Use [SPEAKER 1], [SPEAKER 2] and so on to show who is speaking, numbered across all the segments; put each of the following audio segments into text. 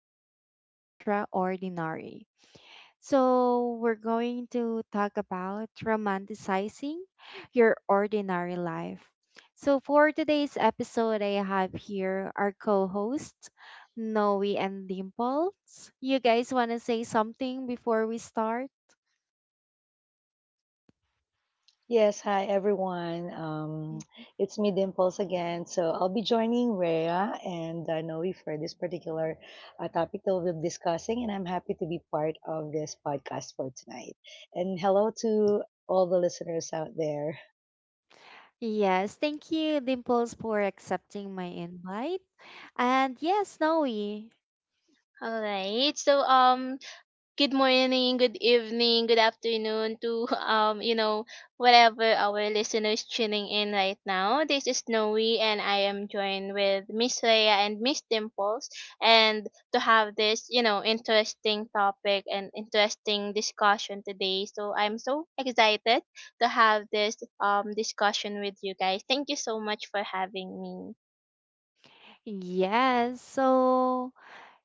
[SPEAKER 1] little bit extraordinary. We're going to talk about romanticizing your ordinary life. For today's episode, I have here our co hosts, Noe and Dimples. You guys want to say something before we start?
[SPEAKER 2] Yes, hi everyone.
[SPEAKER 1] Mhm.
[SPEAKER 2] It's me, Dimples, again. So I'll be joining Rhea and Noe for this particular topic that we'll be discussing, and I'm happy to be part of this podcast for tonight. And hello to all the listeners out there.
[SPEAKER 1] Yes, thank you, Dimples, for accepting my invite. And yes, Noe.
[SPEAKER 3] All right. So good morning, good evening, good afternoon to whatever our listeners tuning in right now. This is Noe, and I am joined with Miss Rhea and Miss Dimples, and to have this, interesting topic and interesting discussion today. So I'm so excited to have this discussion with you guys. Thank you so much for having me.
[SPEAKER 1] Yes, so,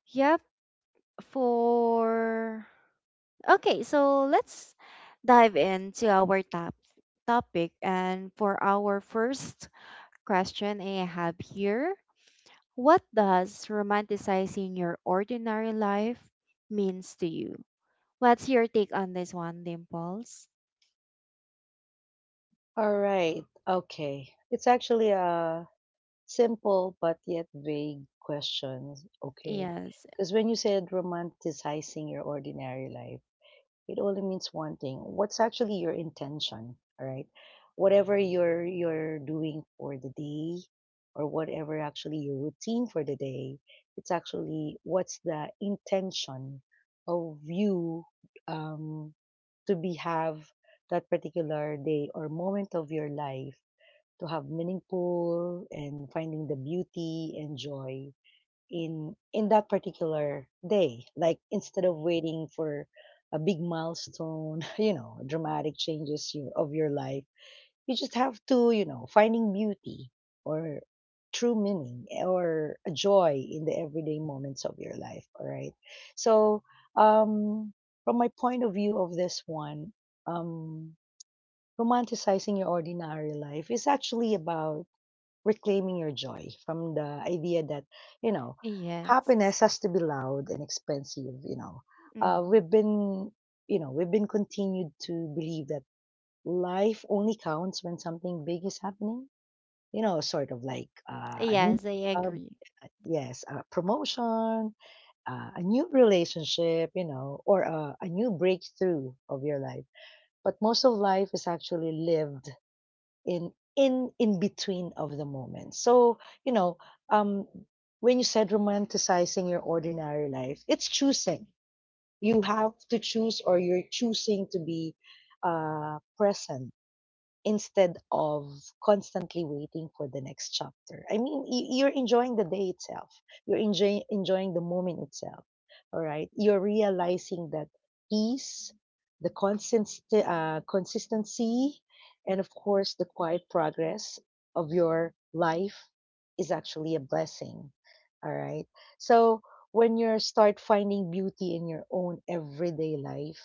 [SPEAKER 1] yep, for Okay, so let's dive into our topic. And for our first question I have here, what does romanticizing your ordinary life means to you? What's your take on this one, Dimples?
[SPEAKER 2] All right, okay. It's actually a simple but yet vague question, okay?
[SPEAKER 1] Yes,
[SPEAKER 2] Because when you said romanticizing your ordinary life, it only means one thing, what's actually your intention? All right, whatever you're doing for the day, or whatever actually your routine for the day, it's actually what's the intention of you, um, to be have that particular day or moment of your life to have meaningful and finding the beauty and joy in that particular day, like instead of waiting for a big milestone you know, dramatic changes, you, of your life, you just have to, you know, finding beauty or true meaning, or a joy in the everyday moments of your life, all right? So um from my point of view of this one, um romanticizing your ordinary life is actually about reclaiming your joy from the idea that, you know,
[SPEAKER 1] yes.
[SPEAKER 2] happiness has to be loud and expensive, you know. uh,
[SPEAKER 1] Hmm.
[SPEAKER 2] we've been we've been continued to believe that life only counts when something big is happening, you know, sort of like a new
[SPEAKER 1] Yes, I
[SPEAKER 2] job,
[SPEAKER 1] agree.
[SPEAKER 2] yes, a promotion, a new relationship, you know, or a new breakthrough of your life. But most of life is actually lived in between of the moment. So, you know, um when you said romanticizing your ordinary life, it's choosing, you have to choose, or you're choosing to be present instead of constantly waiting for the next chapter. I mean, you're enjoying the day itself, you're enjoying the moment itself. All right. You're realizing that peace, the constant, consistency, and of course, the quiet progress of your life is actually a blessing. All right. So, when you start finding beauty in your own everyday life,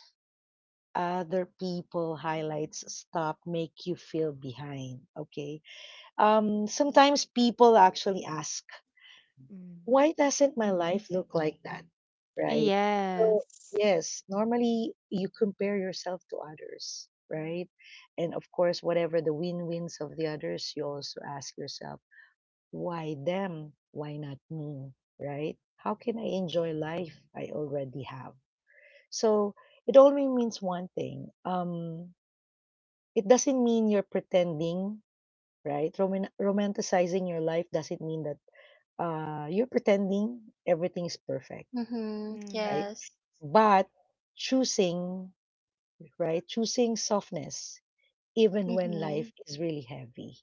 [SPEAKER 2] other people highlights stop make you feel behind, okay? Sometimes people actually ask,
[SPEAKER 1] Mm.
[SPEAKER 2] why doesn't my life look like that, right? So
[SPEAKER 1] Yes.
[SPEAKER 2] yes, normally you compare yourself to others, right? And of course, whatever the win-wins of the others, you also ask yourself, why them, why not me, right? How can I enjoy life I already have? So it only means one thing, it doesn't mean you're pretending, right? Romanticizing your life doesn't mean that you're pretending everything's perfect,
[SPEAKER 3] Mhm.
[SPEAKER 2] right?
[SPEAKER 1] Hmm.
[SPEAKER 3] Yes.
[SPEAKER 2] But choosing, right? Choosing softness even when life
[SPEAKER 3] Mhm.
[SPEAKER 2] is really heavy.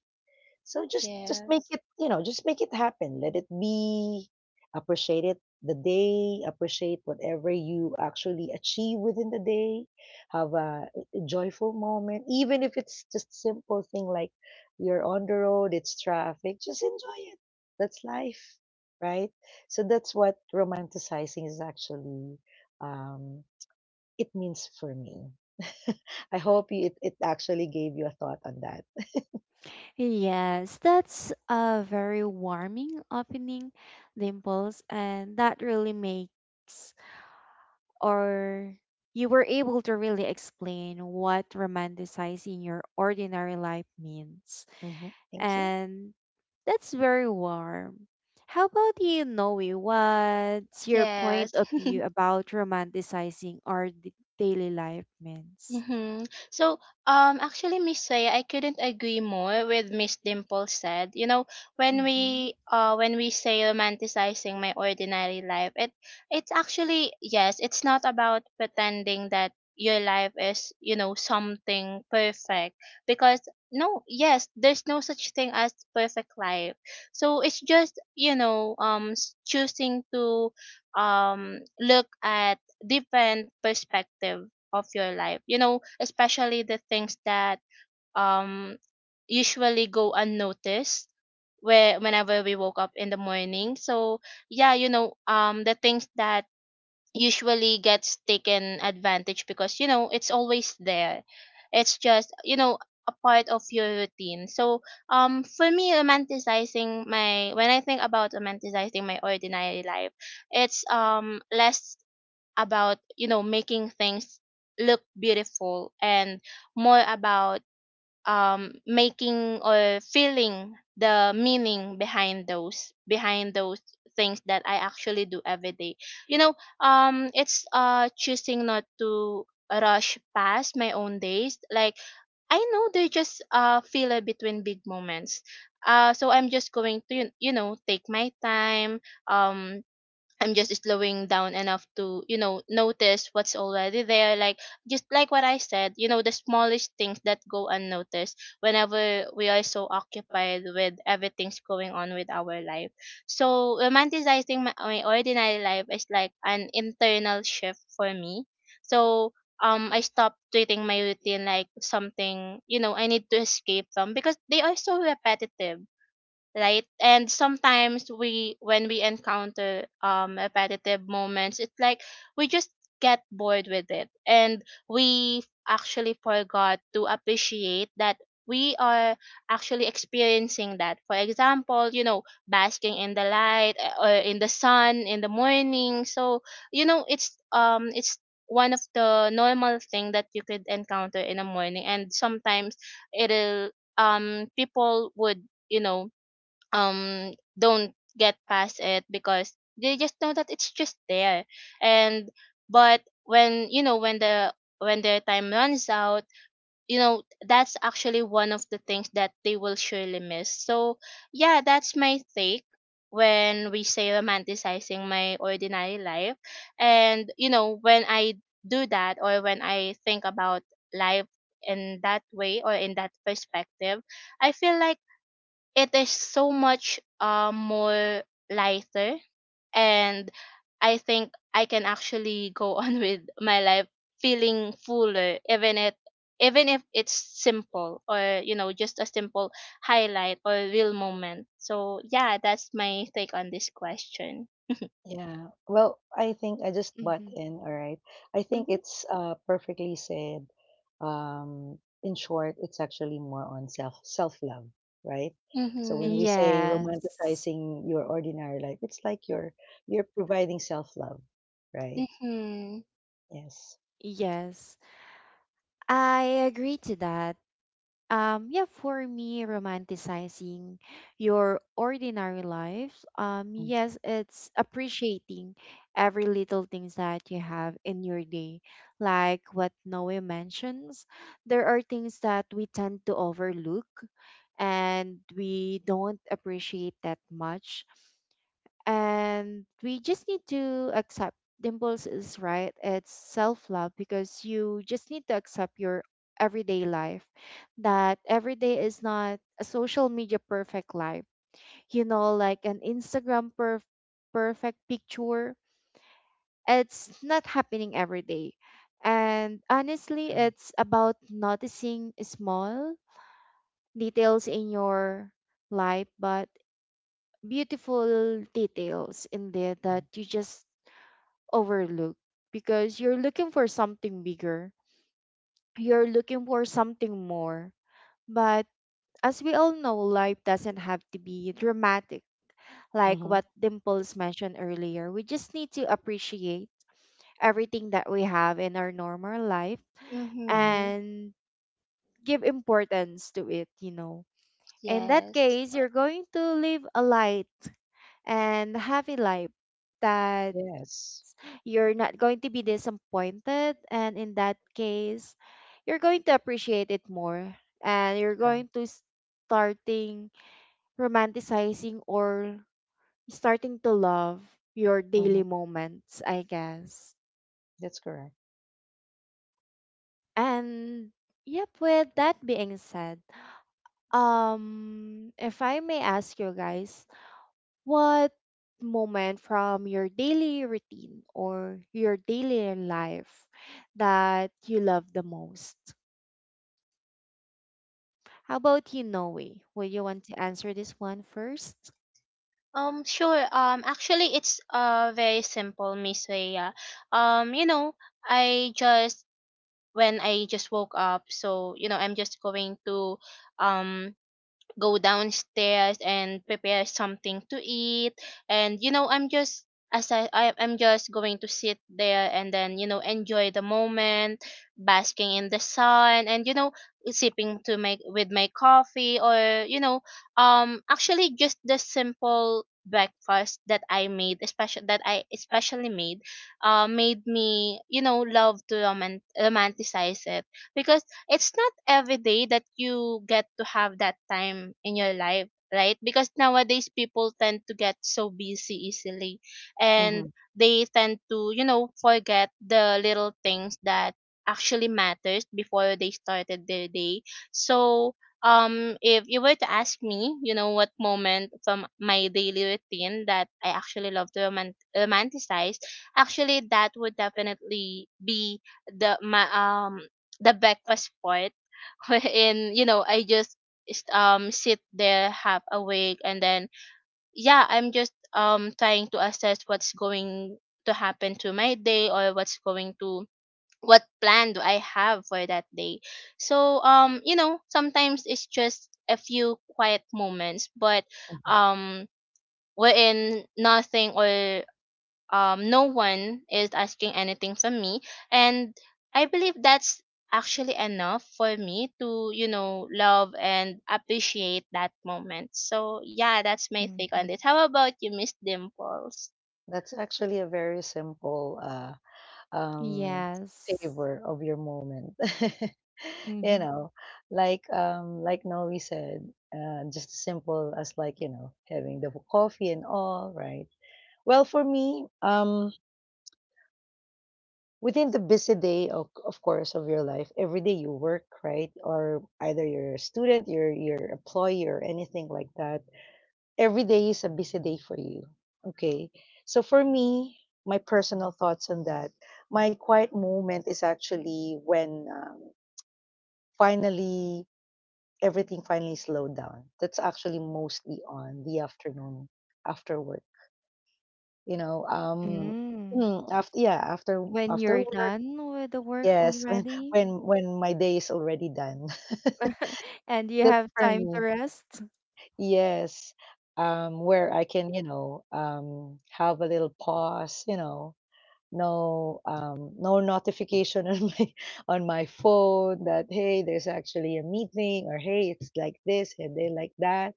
[SPEAKER 2] So just make
[SPEAKER 3] Yes.
[SPEAKER 2] it, you know, just make it happen. Let it be. Appreciate it the day. Appreciate whatever you actually achieve within the day. Have a, joyful moment, even if it's just simple thing like you're on the road, it's traffic. Just enjoy it. That's life, right? So that's what romanticizing is actually. Um, it means for me. I hope you, it actually gave you a thought on that.
[SPEAKER 1] Yes, that's a very warming opening, Dimples, and that really makes or you were able to really explain what romanticizing your ordinary life means.
[SPEAKER 2] Hmm Thank you.
[SPEAKER 1] And that's very warm. How about you, Noe? What's your
[SPEAKER 3] Yes.
[SPEAKER 1] point of view about romanticizing our daily life means?
[SPEAKER 3] Mm-hmm. So, actually, Miss Saya, I couldn't agree more with Miss Dimple said. You know, when
[SPEAKER 1] Mm-hmm.
[SPEAKER 3] we, when we say romanticizing my ordinary life, it's actually, yes, it's not about pretending that your life is something perfect, because no, yes, there's no such thing as perfect life. So it's just, choosing to, look at different perspective of your life, especially the things that um usually go unnoticed where whenever we woke up in the morning. So, yeah, the things that usually gets taken advantage because it's always there. It's just a part of your routine. So for me, romanticizing my when I think about romanticizing my ordinary life, it's less about making things look beautiful and more about making or feeling the meaning behind those things that I actually do every day. You know, it's choosing not to rush past my own days. Like, I know they just filler between big moments. So I'm just going to take my time. um I'm just slowing down enough to, notice what's already there. Like, just like what I said, the smallest things that go unnoticed whenever we are so occupied with everything's going on with our life. So romanticizing my ordinary life is like an internal shift for me. So I stopped treating my routine like something I need to escape from because they are so repetitive. Right, and sometimes we when we encounter repetitive moments, it's like we just get bored with it, and we actually forgot to appreciate that we are actually experiencing that. For example, basking in the light, or in the sun in the morning. So it's, um, it's one of the normal thing that you could encounter in the morning, and sometimes it'll people would you know um don't get past it because they just know that it's just there. And but when their time runs out, that's actually one of the things that they will surely miss. So, yeah, that's my take when we say romanticizing my ordinary life. And when I do that, or when I think about life in that way or in that perspective, I feel like it is so much more lighter, and I think I can actually go on with my life feeling fuller, even it even if it's simple, or just a simple highlight or real moment. So, yeah, that's my take on this question.
[SPEAKER 2] Yeah. Well, I think I just butt
[SPEAKER 1] Mm-hmm.
[SPEAKER 2] in, all right. I think
[SPEAKER 1] Mm-hmm.
[SPEAKER 2] it's perfectly said. Um, in short, it's actually more on self-love, right? So
[SPEAKER 3] Mm-hmm,
[SPEAKER 2] when we
[SPEAKER 3] yes.
[SPEAKER 2] say
[SPEAKER 1] Yes.
[SPEAKER 2] romanticizing your ordinary life, it's like you're providing self-love, right?
[SPEAKER 3] Mm-hmm,
[SPEAKER 2] Yes.
[SPEAKER 1] Yes. I agree to that. Yeah, for me, romanticizing your ordinary life,
[SPEAKER 2] Mm,
[SPEAKER 1] yes, it's appreciating every little things that you have in your day. Like what Noe mentions, there are things that we tend to overlook and we don't appreciate that much, and we just need to accept. Dimples is right, it's self-love, because you just need to accept your everyday life, that every day is not a social media perfect life, like an Instagram perfect picture. It's not happening every day. And honestly,
[SPEAKER 2] true.
[SPEAKER 1] it's about noticing small details in your life, but beautiful details in there
[SPEAKER 2] Mm-hmm.
[SPEAKER 1] that you just overlook because you're looking for something bigger, you're looking for something more. But as we all know, life doesn't have to be dramatic, like
[SPEAKER 2] Mm-hmm.
[SPEAKER 1] what Dimples mentioned earlier. We just need to appreciate everything that we have in our normal life
[SPEAKER 2] Mm-hmm.
[SPEAKER 3] mm-hmm,
[SPEAKER 1] and give importance to it, you know. In that
[SPEAKER 3] yes.
[SPEAKER 1] case, you're going to live a light and happy life, that
[SPEAKER 2] Yes.
[SPEAKER 1] you're not going to be disappointed, and in that case you're going to appreciate it more and you're
[SPEAKER 2] True.
[SPEAKER 1] going to starting romanticizing or starting to love your daily
[SPEAKER 2] Mm-hmm.
[SPEAKER 1] moments, I guess.
[SPEAKER 2] That's correct.
[SPEAKER 1] And yep, with that being said, if I may ask you guys, what moment from your daily routine or your daily life that you love the most? How about you, Noe? Would you want to answer this one first?
[SPEAKER 3] Sure. Actually, it's very simple, Miss Rhea. Um, you know, I just — when I just woke up, so, I'm just going to um go downstairs and prepare something to eat, and you know I'm just as I I'm just going to sit there and then enjoy the moment, basking in the sun, and sipping to my with my coffee. Or actually, just the simple breakfast that I especially made made me love to romanticize it, because it's not every day that you get to have that time in your life. Right, because nowadays people tend to get so busy easily, and
[SPEAKER 2] Mm-hmm.
[SPEAKER 3] they tend to forget the little things that actually matters before they started their day. So, if you were to ask me what moment from my daily routine that I actually love to romanticize, actually, that would definitely be the my um the breakfast part, wherein I just sit there half awake and then, yeah, I'm just trying to assess what's going to happen to my day, or what's going to what plan do I have for that day. So sometimes it's just a few quiet moments, but
[SPEAKER 2] Mm-hmm.
[SPEAKER 3] um wherein nothing or no one is asking anything from me, and I believe that's actually enough for me to love and appreciate that moment. So, yeah, that's my take
[SPEAKER 1] Mm-hmm.
[SPEAKER 3] on this. How about you, Miss Dimples?
[SPEAKER 2] That's actually a very simple um,
[SPEAKER 1] Yes.
[SPEAKER 2] savor of your moment. You
[SPEAKER 1] Mm-hmm.
[SPEAKER 2] know, like Noe said, just simple as like, you know, having the coffee and all, right? Well, for me, within the busy day of course of your life, every day you work, right? Or either you're a student, you're employee or anything like that, every day is a busy day for you. Okay. So for me, my personal thoughts on that, my quiet moment is actually when finally everything finally slowed down. That's actually mostly on the afternoon after work. You know,
[SPEAKER 1] Mm.
[SPEAKER 2] after yeah,
[SPEAKER 1] When
[SPEAKER 2] after
[SPEAKER 1] you're
[SPEAKER 2] work,
[SPEAKER 1] done with the work
[SPEAKER 2] yes,
[SPEAKER 1] already,
[SPEAKER 2] when my day is already done.
[SPEAKER 1] and you
[SPEAKER 2] That's
[SPEAKER 1] have
[SPEAKER 2] for
[SPEAKER 1] time to
[SPEAKER 2] me.
[SPEAKER 1] rest?
[SPEAKER 2] Yes, where I can, you know, have a little pause, you know, no, no notification on my on my phone that hey, there's actually a meeting or hey, it's like this and they like that,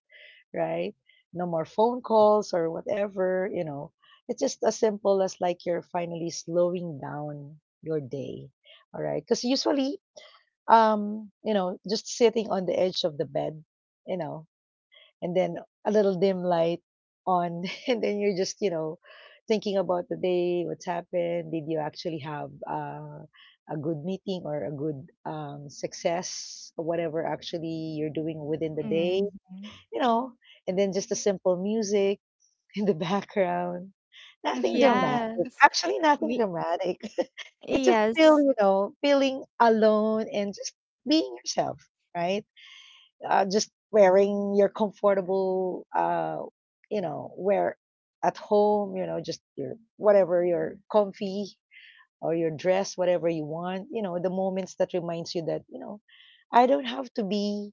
[SPEAKER 2] right? No more phone calls or whatever, you know. It's just as simple as like you're finally slowing down your day, all right? Because usually, you know, just sitting on the edge of the bed, you know, and then a little dim light on, and then you're just, you know, thinking about the day, what's happened, did you actually have a good meeting or a good success or whatever actually you're doing within the day,
[SPEAKER 1] Mm-hmm.
[SPEAKER 2] you know. And then just the simple music in the background, nothing
[SPEAKER 3] Mm-hmm.
[SPEAKER 2] dramatic,
[SPEAKER 1] Yes.
[SPEAKER 2] actually nothing
[SPEAKER 1] Me
[SPEAKER 2] dramatic. It's just feel,
[SPEAKER 1] yes.
[SPEAKER 2] you know, feeling alone and just being yourself, right? Just wearing your comfortable, you know, wear at home, you know, just your whatever your comfy or your dress, whatever you want, you know, the moments that reminds you that, you know, I don't have to be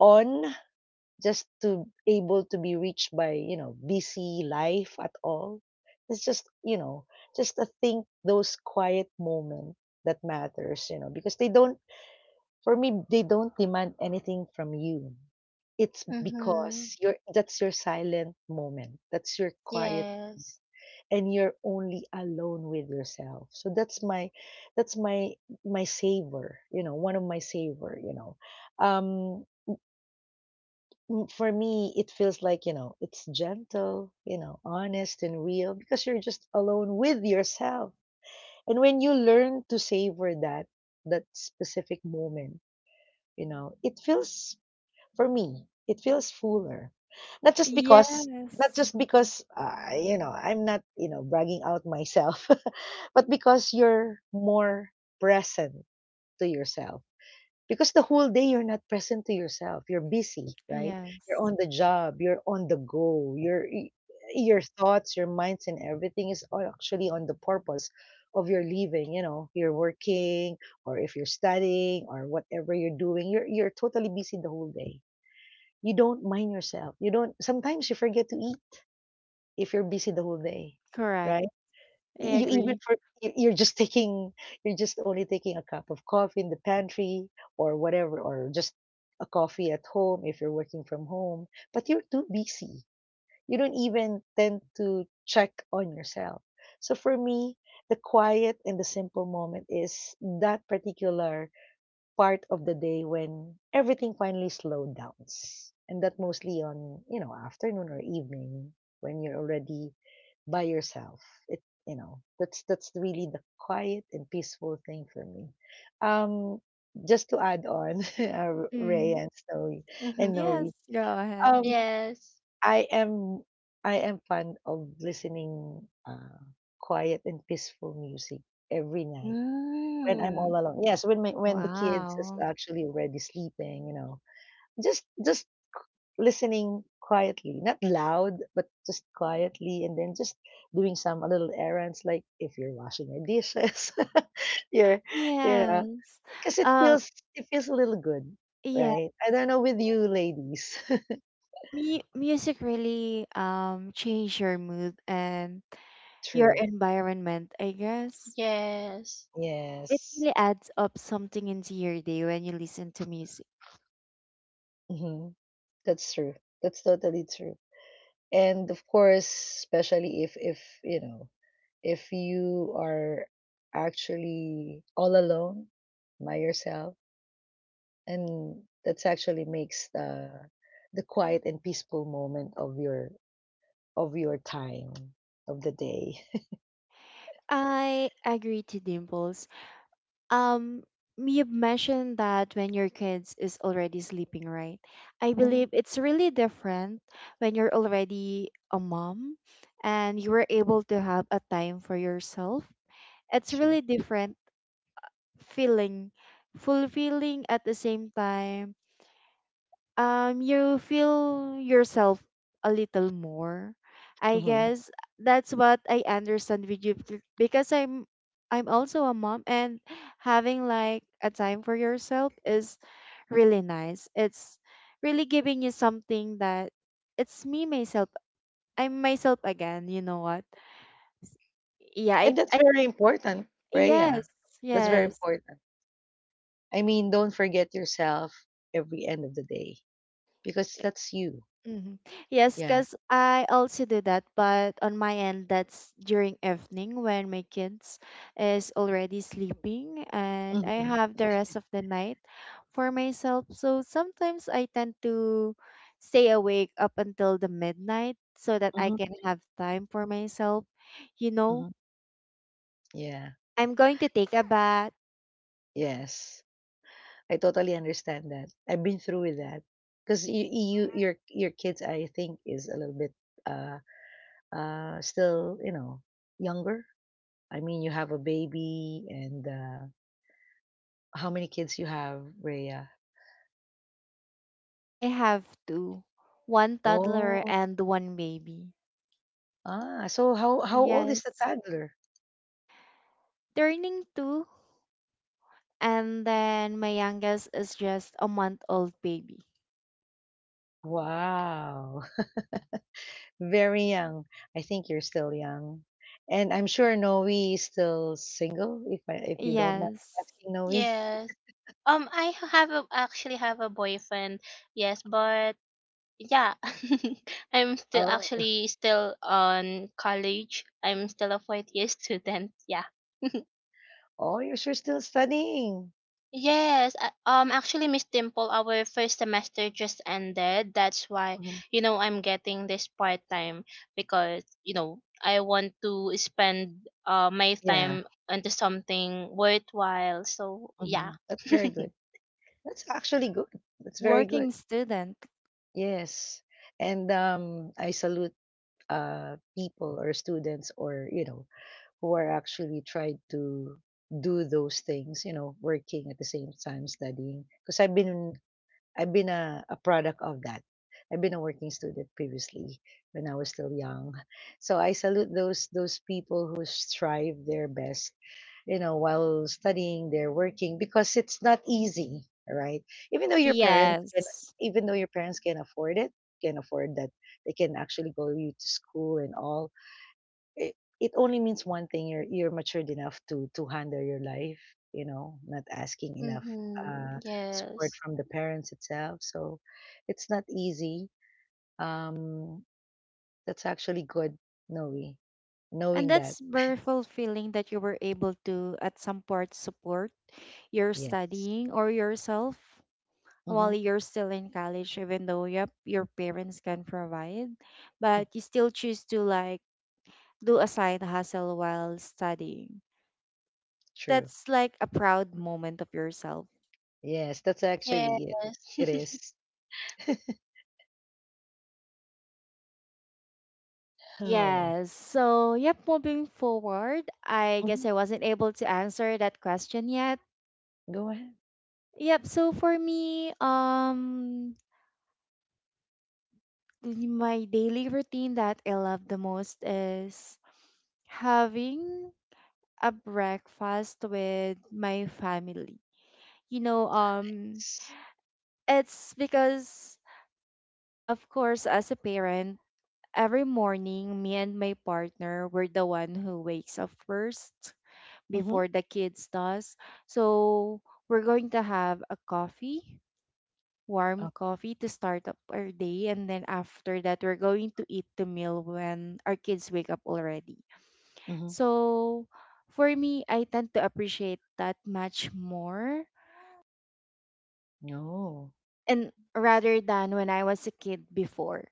[SPEAKER 2] on just to able to be reached by, you know, busy life at all. It's just, you know, just to think those quiet moment that matters, you know, because they don't, for me, they don't demand anything from you. It's
[SPEAKER 3] Mm-hmm.
[SPEAKER 2] because you're that's your silent moment. That's your quiet,
[SPEAKER 3] Yes.
[SPEAKER 2] and you're only alone with yourself. So that's my savor, you know, one of my savor, you know. Um for me it feels like, you know, it's gentle, you know, honest and real because you're just alone with yourself. And when you learn to savor that specific moment, you know, it feels, for me, it feels fuller. Not
[SPEAKER 1] Yes.
[SPEAKER 2] just because you know, I'm not, you know, bragging out myself, but because you're more present to yourself. Because the whole day you're not present to yourself. You're busy, right? You're on
[SPEAKER 1] Yes.
[SPEAKER 2] the job, you're on the go. Your thoughts, your minds and everything is all actually on the purpose of your living, you know, you're working, or if you're studying or whatever you're doing, you're totally busy the whole day, you don't mind yourself. You don't sometimes you forget to eat if you're busy the whole day,
[SPEAKER 1] Correct.
[SPEAKER 2] right?
[SPEAKER 1] I
[SPEAKER 2] You even
[SPEAKER 1] agree.
[SPEAKER 2] for you're just taking, you're just only taking a cup of coffee in the pantry or whatever, or just a coffee at home if you're working from home, but you're too busy. You don't even tend to check on yourself. So for me, the quiet and the simple moment is that particular part of the day when everything finally slowed down, and that mostly on, you know, afternoon or evening when you're already by yourself. It, you know, that's really the quiet and peaceful thing for me. Um just to add on Ray
[SPEAKER 1] Hmm.
[SPEAKER 2] and Snowy
[SPEAKER 3] Mm-hmm.
[SPEAKER 2] and
[SPEAKER 1] Yes.
[SPEAKER 2] Noe,
[SPEAKER 1] Go ahead.
[SPEAKER 2] um
[SPEAKER 3] Yes.
[SPEAKER 2] I am I am fond of listening quiet and peaceful music every night when I'm all
[SPEAKER 3] Mm.
[SPEAKER 2] alone. Yes, when my when the kids is
[SPEAKER 1] Wow.
[SPEAKER 2] actually already sleeping, you know. Just listening quietly, not loud, but just quietly, and then just doing some a little errands like if you're washing your dishes, you're, yeah,
[SPEAKER 1] Yes.
[SPEAKER 2] because
[SPEAKER 1] Uh,
[SPEAKER 2] it feels a little good,
[SPEAKER 1] yes.
[SPEAKER 2] right? I don't know with you ladies.
[SPEAKER 1] Mu music really change your mood and your
[SPEAKER 2] True.
[SPEAKER 1] environment, I guess.
[SPEAKER 3] Yes.
[SPEAKER 1] It
[SPEAKER 2] Yes.
[SPEAKER 1] really adds up something into your day when you listen to music.
[SPEAKER 2] hmm That's true. That's totally true. And of course, especially if you know, if you are actually all alone by yourself, and that's actually makes the quiet and peaceful moment of your time of the day.
[SPEAKER 1] I agree to Dimples. Um, you mentioned that when your kids is already sleeping, right? I
[SPEAKER 2] Mhm.
[SPEAKER 1] believe it's really different when you're already a mom and you were able to have a time for yourself. It's
[SPEAKER 2] True.
[SPEAKER 1] really different, feeling fulfilling at the same time, you feel yourself a little more, I
[SPEAKER 2] Hmm
[SPEAKER 1] guess. That's what I understand with you, because I'm also a mom, and having like a time for yourself is really nice. It's really giving you something that it's me myself, I'm myself again, you know what. yeah i,
[SPEAKER 2] And that's
[SPEAKER 1] I
[SPEAKER 2] very important, Rhea.
[SPEAKER 1] yes,
[SPEAKER 2] That's very
[SPEAKER 1] yes.
[SPEAKER 2] important. I mean, don't forget yourself every end of the day, because that's you.
[SPEAKER 1] Mm-hmm. Yes,
[SPEAKER 2] Yeah.
[SPEAKER 1] because I also do that, but on my end, that's during evening when my kids is already sleeping and I
[SPEAKER 2] hmm
[SPEAKER 1] have the rest of the night for myself. So sometimes I tend to stay awake up until the midnight so that I
[SPEAKER 2] hmm
[SPEAKER 1] can have time for myself. You know,
[SPEAKER 2] hmm Yeah.
[SPEAKER 1] I'm going to take a bath.
[SPEAKER 2] Yes, I totally understand that. I've been through with that because you your kids I think is a little bit uh still, you know, younger. I mean you have a baby and how many kids you have, Rhea?
[SPEAKER 1] I have to. One toddler
[SPEAKER 2] Oh,
[SPEAKER 1] and one baby.
[SPEAKER 2] ah, so how old is the
[SPEAKER 1] Yes.
[SPEAKER 2] toddler?
[SPEAKER 1] Turning two, and then my youngest is just a month old baby.
[SPEAKER 2] Wow, very young. I think you're still young, and I'm sure Noe is still single. If you don't mind
[SPEAKER 1] Yes.
[SPEAKER 2] asking Noe.
[SPEAKER 3] Yes, I actually have a boyfriend, yes, but yeah. I'm still
[SPEAKER 2] Oh,
[SPEAKER 3] actually still on college. I'm still a fourth year student, yeah.
[SPEAKER 2] oh, you're sure still studying.
[SPEAKER 3] Yes, actually, Miss Dimple, our first semester just ended. That's why I'm getting this part time, because I want to spend my
[SPEAKER 2] Yeah,
[SPEAKER 3] time into something worthwhile, so yeah.
[SPEAKER 2] mhm, that's very good. That's actually good. That's very good.
[SPEAKER 1] Working student.
[SPEAKER 2] Yes. And I salute people or students or, you know, who are actually trying to do those things, you know, working at the same time, studying. Because I've been a product of that. I've been a working student previously when I was still young. So I salute those people who strive their best, you know, while studying, they're working because it's not easy, right? Even though your parents can
[SPEAKER 1] Yes.
[SPEAKER 2] even though your parents can afford it, can afford that they can actually go you to school and all it, it only means one thing. You're matured enough to handle your life, not asking enough
[SPEAKER 3] Mm-hmm.
[SPEAKER 2] uh support
[SPEAKER 3] Yes.
[SPEAKER 2] from the parents itself. So it's not easy. um that's actually good, knowing
[SPEAKER 1] And
[SPEAKER 2] that.
[SPEAKER 1] that's very fulfilling that you were able to at some part support your
[SPEAKER 2] Yes.
[SPEAKER 1] studying or yourself
[SPEAKER 2] Mm-hmm.
[SPEAKER 1] while you're still in college, even though yep your parents can provide,
[SPEAKER 2] Mm,
[SPEAKER 1] but you still choose to like do a side hustle while studying.
[SPEAKER 2] true.
[SPEAKER 1] That's like a proud moment of yourself.
[SPEAKER 2] Yes, that's
[SPEAKER 3] Yes.
[SPEAKER 2] actually it. It is. Oh.
[SPEAKER 1] Yes. So, yep, moving forward, I guess
[SPEAKER 2] Mhm.
[SPEAKER 1] I wasn't able to answer that question yet.
[SPEAKER 2] Go ahead.
[SPEAKER 1] Yep, so for me, my daily routine that I love the most is having a breakfast with my family. You know, it's because, of course as a parent, every morning me and my partner were the one who wakes up first
[SPEAKER 2] Mm-hmm.
[SPEAKER 1] before the kids does. So we're going to have a coffee, warm
[SPEAKER 2] Oh.
[SPEAKER 1] coffee to start up our day, and then after that we're going to eat the meal when our kids wake up already.
[SPEAKER 2] Mm-hmm.
[SPEAKER 1] So for me, I tend to appreciate that much more,
[SPEAKER 2] No.
[SPEAKER 1] and rather than when I was a kid before.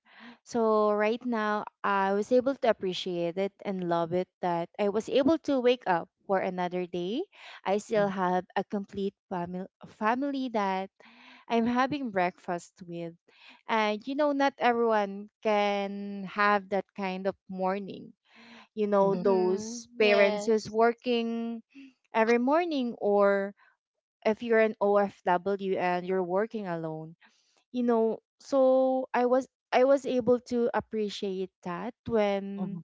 [SPEAKER 1] So right now I was able to appreciate it and love it that I was able to wake up for another day. I still
[SPEAKER 2] Mm-hmm.
[SPEAKER 1] have a complete family, family that I'm having breakfast with. And you know, not everyone can have that kind of morning. You know,
[SPEAKER 2] Mm-hmm.
[SPEAKER 3] Mm-hmm.
[SPEAKER 1] those parents who's
[SPEAKER 3] Yes.
[SPEAKER 1] working every morning, or if you're an OFW and you're working alone, you know. So I was, I was able to appreciate that
[SPEAKER 2] Mm-hmm.
[SPEAKER 1] when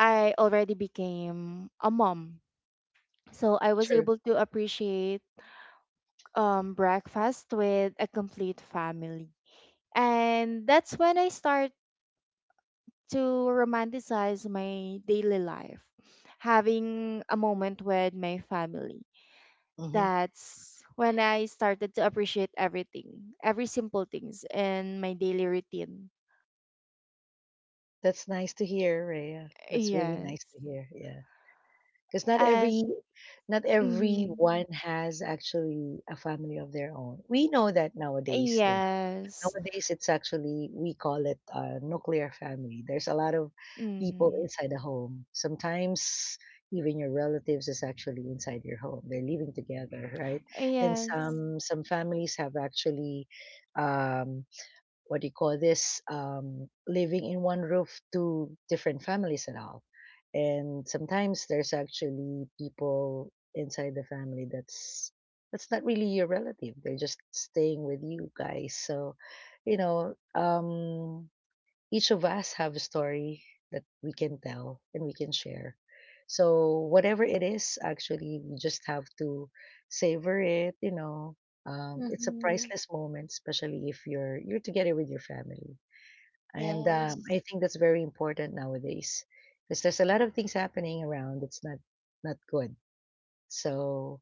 [SPEAKER 1] I already became a mom, so I was
[SPEAKER 2] True.
[SPEAKER 1] able to appreciate breakfast with a complete family, and that's when I start to romanticize my daily life, having a moment with my family.
[SPEAKER 2] Hmm.
[SPEAKER 1] That's when I started to appreciate everything, every simple things in my daily routine.
[SPEAKER 2] That's nice to hear, Rhea. That's really
[SPEAKER 1] Yes.
[SPEAKER 2] nice to hear. Yeah, because not
[SPEAKER 1] Mm-hmm.
[SPEAKER 2] everyone has actually a family of their own. We know that nowadays.
[SPEAKER 1] Yes.
[SPEAKER 2] It's actually, we call it a nuclear family. There's a lot of people
[SPEAKER 1] Mm-hmm.
[SPEAKER 2] inside the home. Sometimes even your relatives is actually inside your home. They're living together, right? And
[SPEAKER 1] Yes.
[SPEAKER 2] some families have actually um, what do you call this, living in one roof, two different families, and all. And sometimes there's actually people inside the family that's not really your relative, they're just staying with you guys. So you know um each of us have a story that we can tell and we can share. So whatever it is, actually, we just have to savor it. It's a
[SPEAKER 3] Mm-hmm.
[SPEAKER 2] priceless moment, especially if you're together with your family. And
[SPEAKER 3] Yes.
[SPEAKER 2] I think that's very important nowadays because there's a lot of things happening around that's not good. So,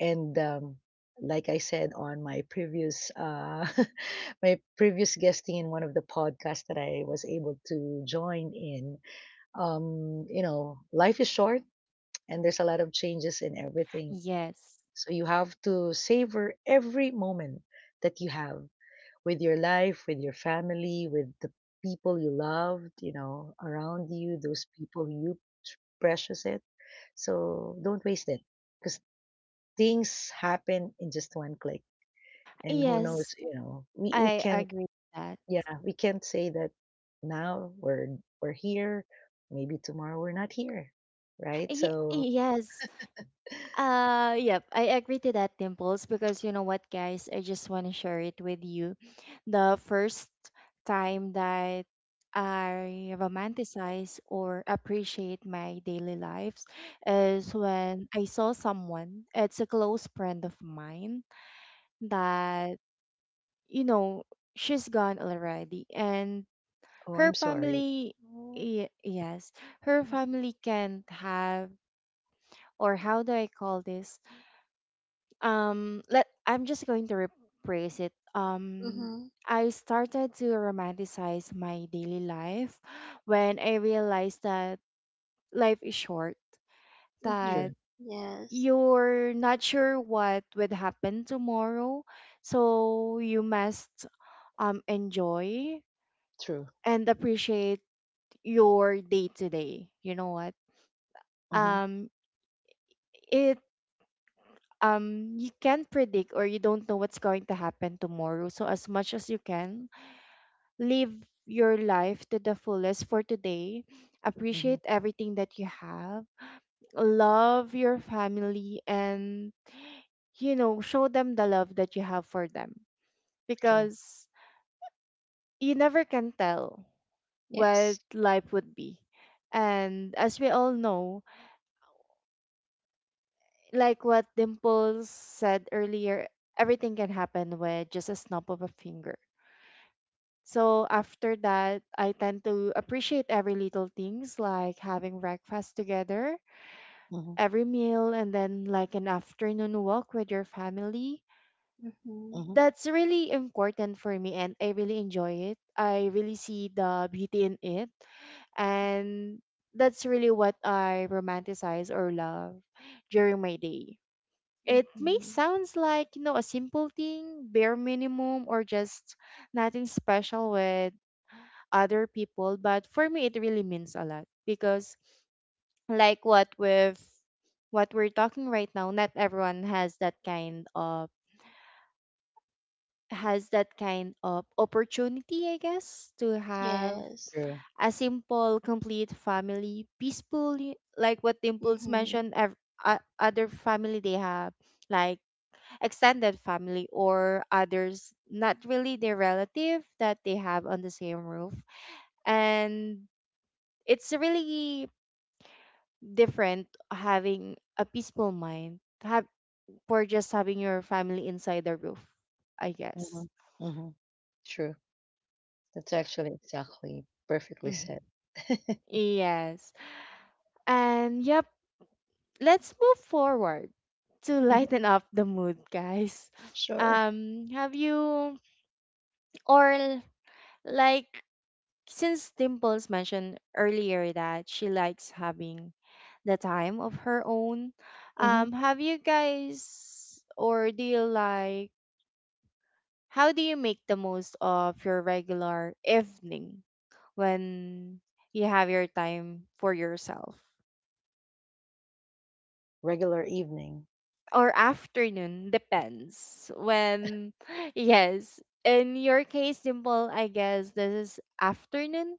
[SPEAKER 2] and like I said on my previous my previous guesting in one of the podcasts that I was able to join in. Life is short, and there's a lot of changes in everything.
[SPEAKER 1] Yes.
[SPEAKER 2] So you have to savor every moment that you have with your life, with your family, with the people you loved, around you, those people you precious it. So don't waste it, because things happen in just one click, and who knows,
[SPEAKER 1] Yes.
[SPEAKER 2] we
[SPEAKER 1] I
[SPEAKER 2] can't.
[SPEAKER 1] agree with that.
[SPEAKER 2] Yeah, we can't say that now we're here, maybe tomorrow we're not here, right? So.
[SPEAKER 1] Yes. Yep, I agree to that, Dimples, because you know what guys, I just want to share it with you. The first time that I romanticize or appreciate my daily lives is when I saw someone, it's a close friend of mine that, you know, she's gone already. And
[SPEAKER 2] Oh,
[SPEAKER 1] her
[SPEAKER 2] I'm sorry.
[SPEAKER 1] family,
[SPEAKER 3] Oh.
[SPEAKER 1] yes, her family can't have, or how do I call this? Let, I'm just going to rephrase it.
[SPEAKER 3] Mhm.
[SPEAKER 1] I started to romanticize my daily life when I realized that life is short, that
[SPEAKER 2] True,
[SPEAKER 3] Mhm. Yes.
[SPEAKER 1] you're not sure what would happen tomorrow, so you must enjoy
[SPEAKER 2] true.
[SPEAKER 1] and appreciate your day to day. You know what?
[SPEAKER 2] Mm-hmm,
[SPEAKER 1] Um, it you can't predict or you don't know what's going to happen tomorrow. So as much as you can, live your life to the fullest for today.
[SPEAKER 2] mm-hmm,
[SPEAKER 1] Appreciate everything that you have. Love your family, and you know, show them the love that you have for them,
[SPEAKER 2] true.
[SPEAKER 1] because you never can tell what
[SPEAKER 2] Yes.
[SPEAKER 1] life would be. And as we all know, like what Dimples said earlier, everything can happen with just a snap of a finger. So after that, I tend to appreciate every little things, like having breakfast together,
[SPEAKER 2] Mm-hmm,
[SPEAKER 1] every meal, and then like an afternoon walk with your family.
[SPEAKER 3] Mhm.
[SPEAKER 2] mm-hmm,
[SPEAKER 1] That's really important for me and I really enjoy it. I really see the beauty in it. And that's really what I romanticize or love during my day. It may
[SPEAKER 3] Mhm.
[SPEAKER 1] sounds like, you know, a simple thing, bare minimum, or just nothing special with other people, but for me it really means a lot because like what with what we're talking right now, not everyone has that kind of, has that kind of opportunity, I guess, to have
[SPEAKER 3] Yes.
[SPEAKER 2] true.
[SPEAKER 1] a simple, complete family, peaceful, like what the Impulse mentioned,
[SPEAKER 3] Mhm.
[SPEAKER 1] other family they have, like extended family or others not really their relative that they have on the same roof, and it's really different having a peaceful mind, have for just having your family inside the roof, I guess.
[SPEAKER 2] Mm-hmm, mm-hmm, true. That's actually exactly perfectly
[SPEAKER 1] Hmm,
[SPEAKER 2] said.
[SPEAKER 1] yes. And yep, let's move forward to
[SPEAKER 2] Hmm.
[SPEAKER 1] lighten up the mood guys.
[SPEAKER 2] Sure.
[SPEAKER 1] Have you or like, since Dimples mentioned earlier that she likes having the time of her own,
[SPEAKER 2] Mm-hmm.
[SPEAKER 1] have you guys, or do you like, how do you make the most of your regular evening when you have your time for yourself?
[SPEAKER 2] Regular evening.
[SPEAKER 1] Or afternoon, depends. When, yes, in your case, Dimple, I guess this is afternoon.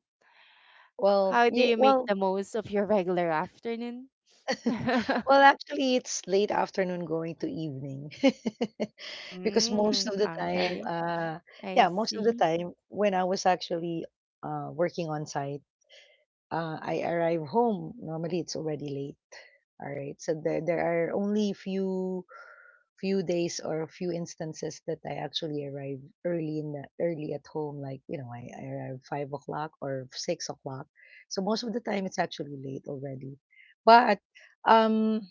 [SPEAKER 2] Well,
[SPEAKER 1] How do
[SPEAKER 2] yeah.
[SPEAKER 1] you make
[SPEAKER 2] Well,
[SPEAKER 1] the most of your regular afternoon?
[SPEAKER 2] well, actually, it's late afternoon going to evening. Because most
[SPEAKER 1] Mm,
[SPEAKER 2] of the time,
[SPEAKER 1] okay, I
[SPEAKER 2] yeah, most of the
[SPEAKER 1] see.
[SPEAKER 2] time when I was actually working on site, I arrive home. Normally, it's already late. All right, so there are only few days or few instances that I actually arrive early in the early at home. Like I arrive 5 o'clock or 6 o'clock. So most of the time, it's actually late already. But um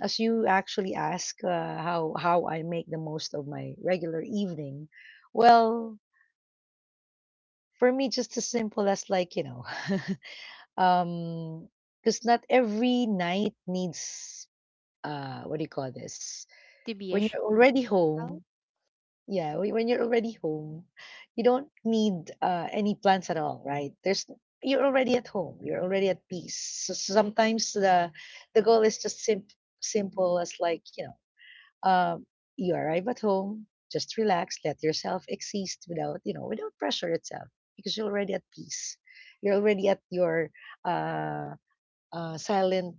[SPEAKER 2] as you actually ask, how I make the most of my regular evening, well, for me, just as simple as, like, um, because not every night needs, what do you call this?
[SPEAKER 1] To be a
[SPEAKER 2] When you're already
[SPEAKER 1] child?
[SPEAKER 2] home, yeah, when you're already home, you don't need any plans at all, right? There's you're already at home, you're already at peace. So sometimes the goal is just simple as, like, Um, you arrive at home, just relax, let yourself exist without, without pressure itself, because you're already at peace. You're already at your uh, silent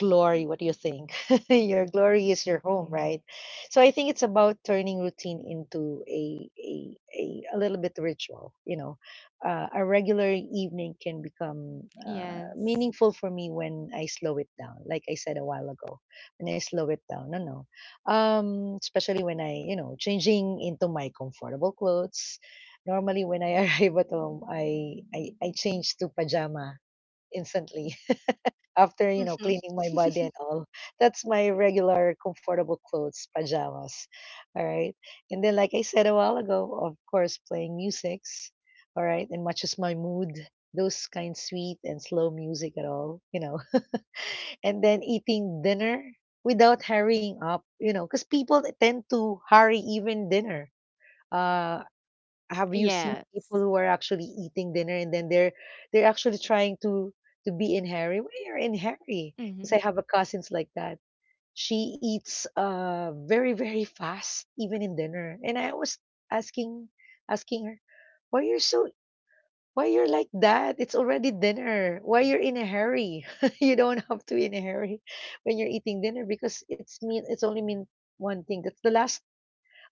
[SPEAKER 2] glory. What do you think? Your glory is your home, right? So I think it's about turning routine into a little bit ritual. A regular evening can become,
[SPEAKER 1] Yes.
[SPEAKER 2] meaningful for me when I slow it down, like I said a while ago, when I slow it down. No, no, especially when I, changing into my comfortable clothes. Normally when I arrive at home, I change to pajama instantly after,
[SPEAKER 3] Mhm.
[SPEAKER 2] cleaning my body and
[SPEAKER 3] Mhm.
[SPEAKER 2] all. That's my regular comfortable clothes, pajamas. All right. And then like I said a while ago, of course, playing musics, all right, and matches my mood, those kind sweet and slow music at all. And then eating dinner without hurrying up, because people tend to hurry even dinner. uh have you seen
[SPEAKER 1] Yes.
[SPEAKER 2] people who are actually eating dinner and then they're actually trying to be in hurry? Why you're in hurry? Because
[SPEAKER 1] Mm-hmm.
[SPEAKER 2] I have a cousins like that. She eats very, very fast, even in dinner. And I was asking asking her, why you're so why you're like that? It's already dinner. Why you're in a hurry? You don't have to be in a hurry when you're eating dinner, because it's only mean one thing. That's the last,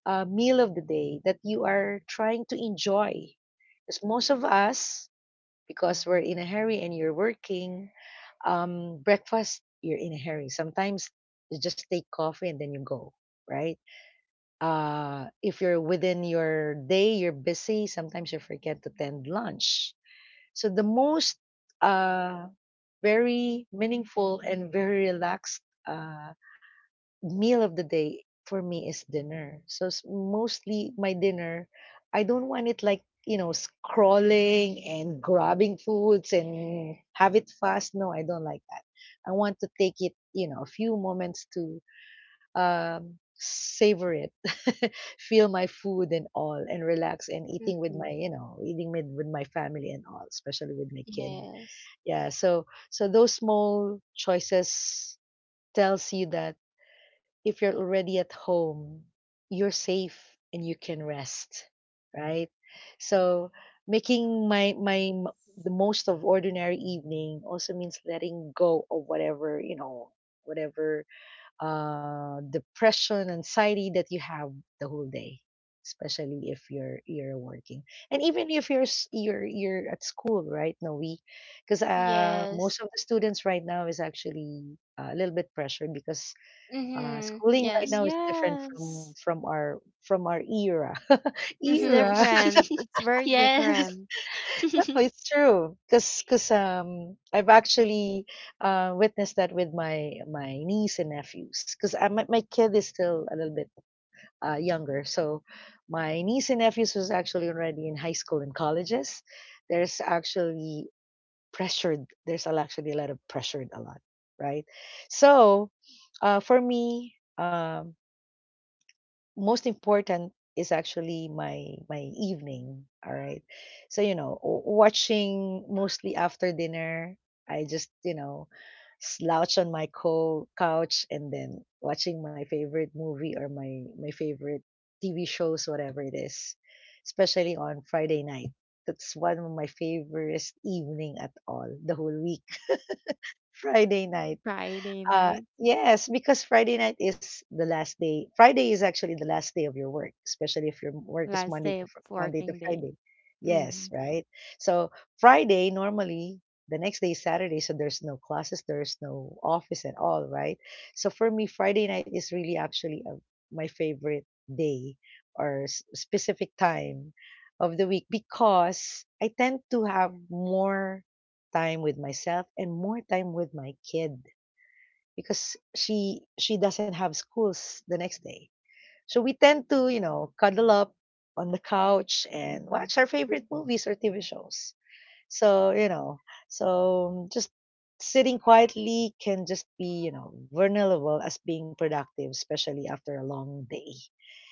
[SPEAKER 2] meal of the day that you are trying to enjoy. Because most of us, because we're in a hurry and you're working, breakfast, you're in a hurry. Sometimes you just take coffee and then you go, right? If you're within your day, you're busy, sometimes you forget to tend lunch. So the most, uh, very meaningful and very relaxed, meal of the day for me is dinner. So, mostly my dinner, I don't want it like, scrolling and grabbing foods and have it fast. No, I don't like that. I want to take it, a few moments to savor it, feel my food and all, and relax and eating with my, eating with my family and all, especially with my kid.
[SPEAKER 3] Yes.
[SPEAKER 2] Yeah. So, those small choices tells you that if you're already at home, you're safe and you can rest, right? So making my my the most of ordinary evening also means letting go of whatever, depression, anxiety that you have the whole day, especially if you're working. And even if you're s- you're at school, right? No, we, because
[SPEAKER 3] Yes.
[SPEAKER 2] most of the students right now is actually, a little bit pressured. Because
[SPEAKER 3] Mhm.
[SPEAKER 2] schooling right now
[SPEAKER 3] Yes.
[SPEAKER 2] is different
[SPEAKER 1] Yes.
[SPEAKER 2] from our era.
[SPEAKER 1] It's
[SPEAKER 3] Mhm.
[SPEAKER 2] Era.
[SPEAKER 1] different. It's very
[SPEAKER 3] Yes.
[SPEAKER 1] different.
[SPEAKER 2] No, it's true. I've actually, witnessed that with my niece and nephews. 'Cause my kid is still a little bit, younger, so my niece and nephews was actually already in high school and colleges. There's actually pressured. There's actually a lot of pressured, a lot, right? So, for me, most important is actually my evening. All right, so, watching mostly after dinner, I just, slouch on my couch and then watching my favorite movie or my favorite TV shows, whatever it is, especially on Friday night. That's one of my favorite evening at all the whole week. Friday night.
[SPEAKER 1] Friday night,
[SPEAKER 2] Yes, because Friday night is the last day. Friday is actually the last day of your work, especially if your work is
[SPEAKER 1] last
[SPEAKER 2] Monday
[SPEAKER 1] day
[SPEAKER 2] to
[SPEAKER 1] of
[SPEAKER 2] Monday to
[SPEAKER 1] working day.
[SPEAKER 2] Friday. Yes,
[SPEAKER 1] Mm-hmm.
[SPEAKER 2] right. So Friday normally the next day is Saturday, so there's no classes, there's no office at all, right? So for me, Friday night is really actually, my favorite day or, specific time of the week, because I tend to have more time with myself and more time with my kids, because she doesn't have schools the next day. So we tend to, cuddle up on the couch and watch our favorite movies or TV shows. So, just sitting quietly can just be, vulnerable as being productive, especially after a long day.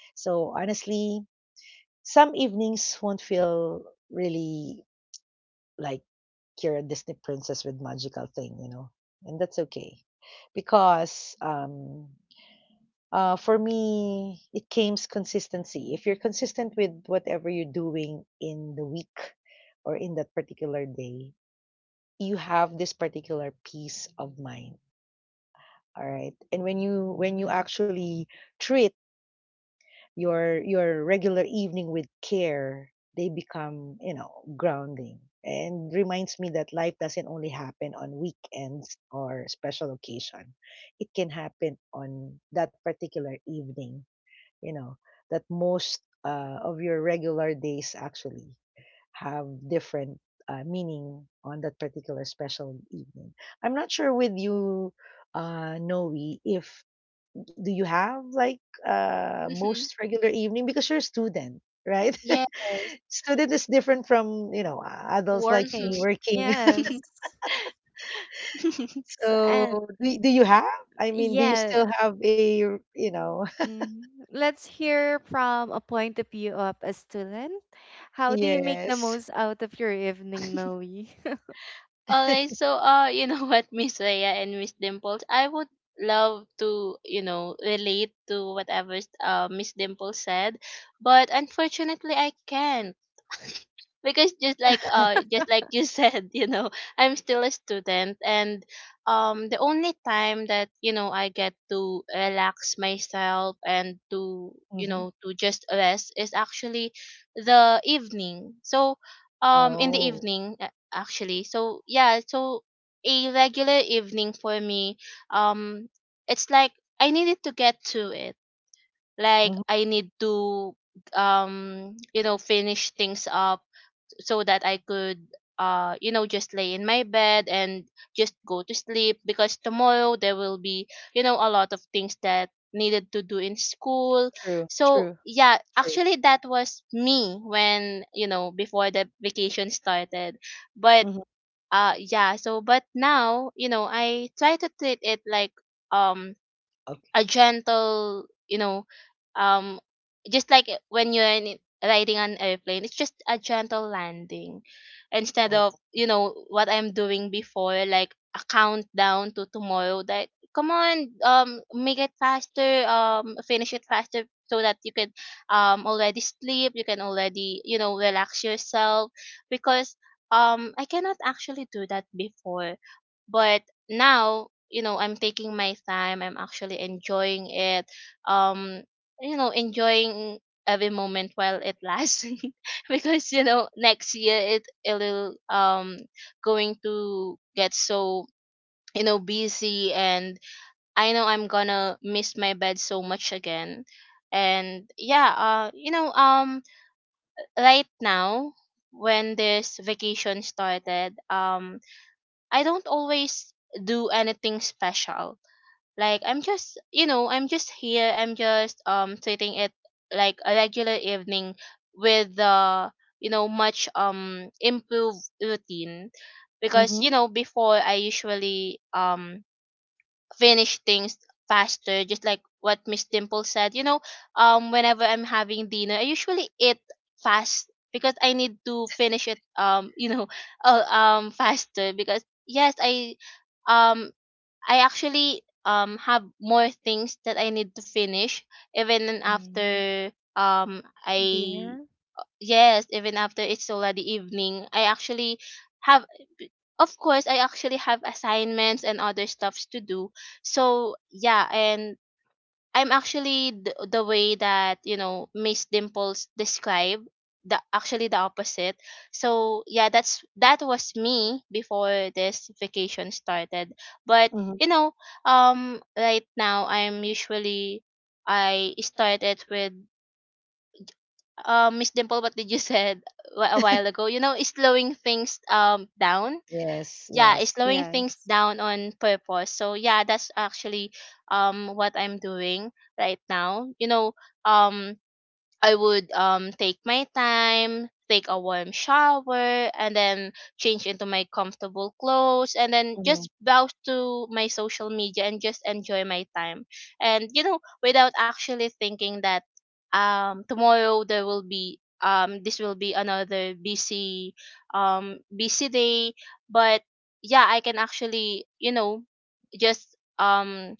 [SPEAKER 2] So honestly, some evenings won't feel really like you're a Disney princess with magical thing, and that's okay, because for me, it came consistency. If you're consistent with whatever you're doing in the week or in that particular day, you have this particular peace of mind. All right. And when you actually treat your regular evening with care, they become, grounding. And reminds me that life doesn't only happen on weekends or special occasion. It can happen on that particular evening, you know that most, of your regular days actually have different, meaning on that particular special evening. I'm not sure with you, Noe, if do you have like,
[SPEAKER 3] Mhm.
[SPEAKER 2] most regular evening because you're a student, right?
[SPEAKER 3] Yes.
[SPEAKER 2] Student is different from, adults like me
[SPEAKER 3] Mhm.
[SPEAKER 1] Working.
[SPEAKER 2] working.
[SPEAKER 1] Yes. So, and
[SPEAKER 2] So do you have? I mean, do you
[SPEAKER 1] yeah,
[SPEAKER 2] still have a, you know?
[SPEAKER 1] hmm, let's hear from a point of view of a student. How do you make the
[SPEAKER 2] Yes.
[SPEAKER 1] most out of your evening, Noe?
[SPEAKER 3] Alright, so what, Miss Rhea and Miss Dimples, I would love to, relate to whatever Miss Dimples said, but, unfortunately, I can't, because just like you said, I'm still a student, and the only time that I get to relax myself and to you
[SPEAKER 2] Hmm.
[SPEAKER 3] know to just rest is actually the evening. So in the
[SPEAKER 2] Oh.
[SPEAKER 3] evening, actually. So a regular evening for me, um, it's like I needed to get to it. Like, I need to finish things up so that I could just lay in my bed and just go to sleep because tomorrow there will be, a lot of things that needed to do in school.
[SPEAKER 2] True,
[SPEAKER 3] So,
[SPEAKER 2] true,
[SPEAKER 3] yeah,
[SPEAKER 2] true.
[SPEAKER 3] actually that was me when, before the vacation started. but
[SPEAKER 2] Mhm.
[SPEAKER 3] uh yeah so but now I try to treat it like um
[SPEAKER 2] Okay.
[SPEAKER 3] a gentle um just like when you're riding an airplane, it's just a gentle landing, instead of
[SPEAKER 2] Oh.
[SPEAKER 3] what I'm doing before like a countdown to tomorrow that come on, make it faster, finish it faster, so that you can already sleep. You can already relax yourself, because I cannot actually do that before. But now I'm taking my time. I'm actually enjoying it, um enjoying every moment while it lasts. Because next year it it'll going to get so busy, and I know I'm gonna miss my bed so much again. And, yeah, right now, when this vacation started, I don't always do anything special. Like, I'm just here. I'm just treating it like a regular evening with the, much improved routine, because
[SPEAKER 2] Mhm.
[SPEAKER 3] before I usually finish things faster, just like what Miss Dimple said whenever I'm having dinner, I usually eat fast because I need to finish it faster, because, yes, um I actually have more things that I need to finish even
[SPEAKER 1] Mhm.
[SPEAKER 3] after I
[SPEAKER 1] Dinner?
[SPEAKER 3] yes even after it's already evening. I actually have Of course, I actually have assignments and other stuffs to do. So, yeah, and I'm actually — the way that Miss Dimples described, the actually the opposite. So, yeah, that was me before this vacation started. But
[SPEAKER 2] Mhm.
[SPEAKER 3] you know, right now, I started with Miss Dimple, what did you said a while ago. You know, is slowing things down,
[SPEAKER 2] Yes,
[SPEAKER 3] yeah, it's
[SPEAKER 2] yes.
[SPEAKER 3] slowing things
[SPEAKER 1] Yes.
[SPEAKER 3] down on purpose. So, yeah, that's actually what I'm doing right now. You know, um I would take my time, take a warm shower, and then change into my comfortable clothes, and then
[SPEAKER 2] Mhm.
[SPEAKER 3] just browse to my social media and just enjoy my time. And without actually thinking that tomorrow there will be — another busy day. But, yeah, I can actually just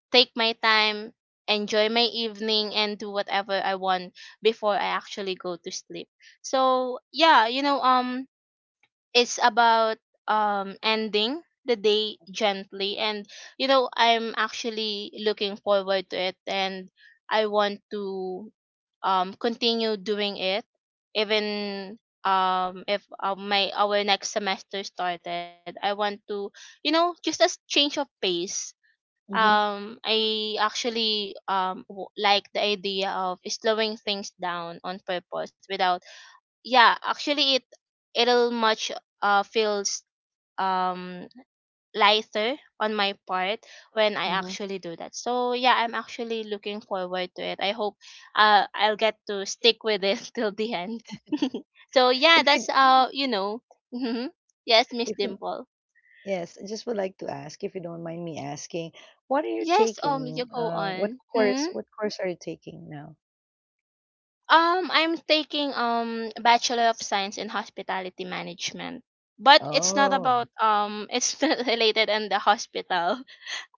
[SPEAKER 3] take my time, enjoy my evening, and do whatever I want before I actually go to sleep. So yeah, you know, it's about ending the day gently, and you know, I'm actually looking forward to it, and I want to continue doing it even if my our next semester started. I want to, you know, just a change of pace.
[SPEAKER 2] Mhm.
[SPEAKER 3] I actually like the idea of slowing things down on purpose without. Yeah, actually, it'll much feels um lighter on my part when I
[SPEAKER 2] Mhm.
[SPEAKER 3] actually do that. So yeah, I'm actually looking forward to it. I hope I'll get to stick with it till the end. So yeah,
[SPEAKER 2] If
[SPEAKER 3] that's
[SPEAKER 2] you,
[SPEAKER 3] uh you know. Yes, Miss
[SPEAKER 2] if you,
[SPEAKER 3] Dimple.
[SPEAKER 2] yes, I just would like to ask, if you don't mind me asking, what are you
[SPEAKER 3] Yes, you
[SPEAKER 2] taking?
[SPEAKER 3] go
[SPEAKER 2] What
[SPEAKER 3] on.
[SPEAKER 2] course,
[SPEAKER 3] Hmm?
[SPEAKER 2] are you taking now?
[SPEAKER 3] I'm taking Bachelor of Science in Hospitality Management, but it's not
[SPEAKER 2] Oh,
[SPEAKER 3] about it's not related in the hospital.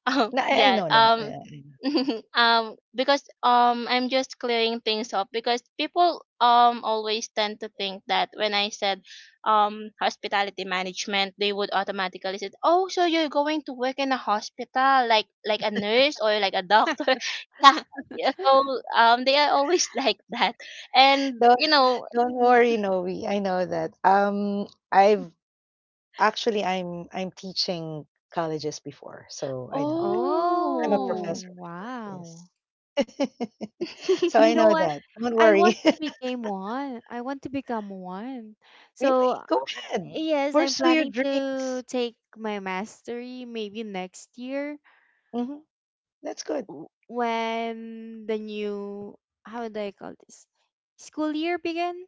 [SPEAKER 3] Oh,
[SPEAKER 2] no, I
[SPEAKER 3] yeah.
[SPEAKER 2] know that. Yeah, I know.
[SPEAKER 3] Because I'm just clearing things up because people always tend to think that when I said hospitality management, they would automatically say, "Oh, so you're going to work in a hospital, like a nurse or like a doctor?" Yeah. Yeah. So they are always like that, and
[SPEAKER 2] Don't
[SPEAKER 3] you know,
[SPEAKER 2] don't worry, Noe. I know that. I've actually I'm teaching colleges before, so I know that. I'm a
[SPEAKER 1] Oh,
[SPEAKER 3] oh.
[SPEAKER 2] professor before.
[SPEAKER 1] wow.
[SPEAKER 2] Yes. So I
[SPEAKER 1] You know
[SPEAKER 2] know
[SPEAKER 1] what?
[SPEAKER 2] that. Don't
[SPEAKER 1] I want
[SPEAKER 2] worry.
[SPEAKER 1] to become one. I want to become one. So,
[SPEAKER 2] Really? Go ahead.
[SPEAKER 1] yes, I'm
[SPEAKER 2] Pursue your
[SPEAKER 1] planning to
[SPEAKER 2] dreams.
[SPEAKER 1] take my mastery maybe next year,
[SPEAKER 2] Hmm. That's good.
[SPEAKER 1] when the new, how do I call this? School year begin.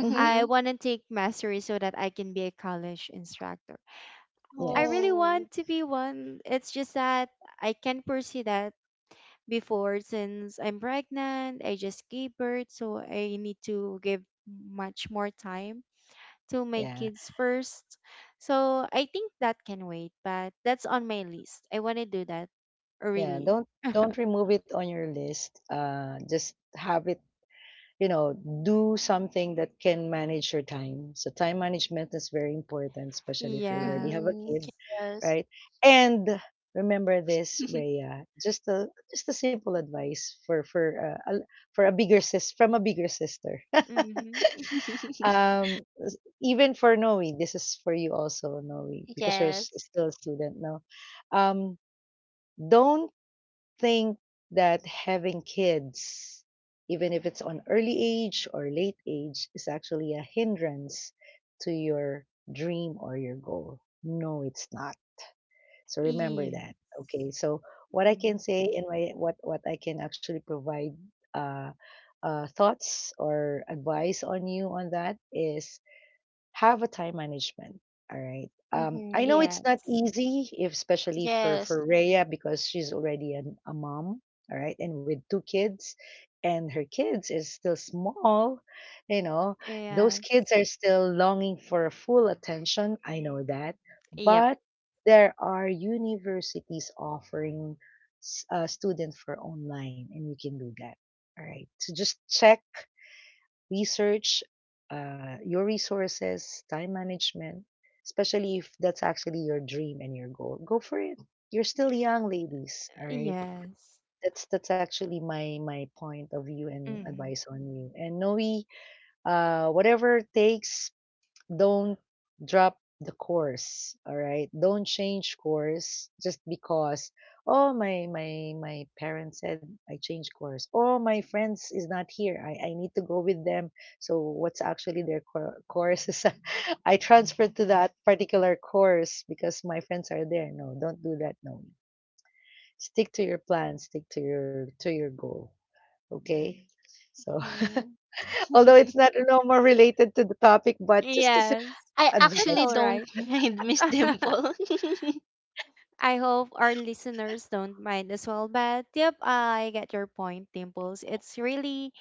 [SPEAKER 2] Hmm.
[SPEAKER 1] I want to take mastery so that I can be a college instructor. I really
[SPEAKER 2] Yes.
[SPEAKER 3] Oh.
[SPEAKER 1] want to be one. It's just that I can't pursue that before since I'm pregnant, I just gave birth, so I need to give much more time to my
[SPEAKER 2] Yeah.
[SPEAKER 1] kids first. So I think that can wait, but that's on my list. I want to do that
[SPEAKER 2] Yeah.
[SPEAKER 1] really.
[SPEAKER 2] Don't don't remove it on your list. Just have it. You know, do something that can manage your time. So time management is very important, especially if you already
[SPEAKER 1] yeah.
[SPEAKER 2] have a
[SPEAKER 3] Mhm.
[SPEAKER 2] kid,
[SPEAKER 3] Yes.
[SPEAKER 2] right? And remember this, Rhea. Just a simple advice for for a bigger sis from a bigger sister.
[SPEAKER 1] Mhm.
[SPEAKER 2] um Even for Noe, this is for you also, Noe, because you're s-
[SPEAKER 3] Yes.
[SPEAKER 2] still a student now. Um, don't think that having kids, even if it's on early age or late age, is actually a hindrance to your dream or your goal. No, it's not. So remember that.
[SPEAKER 1] Yes.
[SPEAKER 2] Okay. So what I can
[SPEAKER 1] Mm.
[SPEAKER 2] say and my, what I can actually provide uh, thoughts or advice on you on that is have a time management. All right. I know
[SPEAKER 3] Mhm.
[SPEAKER 2] it's not
[SPEAKER 1] Yes.
[SPEAKER 2] easy, if, especially for
[SPEAKER 3] Yes.
[SPEAKER 2] for Rhea because she's already an, a mom. All right, and with two kids, and her kids is still small. You know, those kids
[SPEAKER 1] Yes.
[SPEAKER 2] are still longing for a full attention. I know that,
[SPEAKER 1] Yep.
[SPEAKER 2] but there are universities offering student for online, and you can do that. All right. So just check research, your resources, time management, especially if that's actually your dream and your goal. Go for it. You're still young, ladies. All right.
[SPEAKER 1] Yes.
[SPEAKER 2] That's actually my point of view and
[SPEAKER 1] Mhm.
[SPEAKER 2] advice on you. And Noe, whatever it takes, don't drop the course. All right, don't change course just because, oh, my parents said I change course, oh, my friends is not here, I need to go with them, so what's actually their course is, I transferred to that particular course because my friends are there. No, don't do that. No, stick to your plan, stick to your goal. Okay. So
[SPEAKER 3] Mhm.
[SPEAKER 2] although it's not no more related to the topic, but just a simple
[SPEAKER 1] Yes.
[SPEAKER 3] I
[SPEAKER 1] That's
[SPEAKER 3] actually
[SPEAKER 2] advice.
[SPEAKER 1] all
[SPEAKER 3] don't
[SPEAKER 1] right.
[SPEAKER 3] mind Miss Dimple.
[SPEAKER 1] I hope our listeners don't mind as well. But yep, I get your point, Dimples. It's really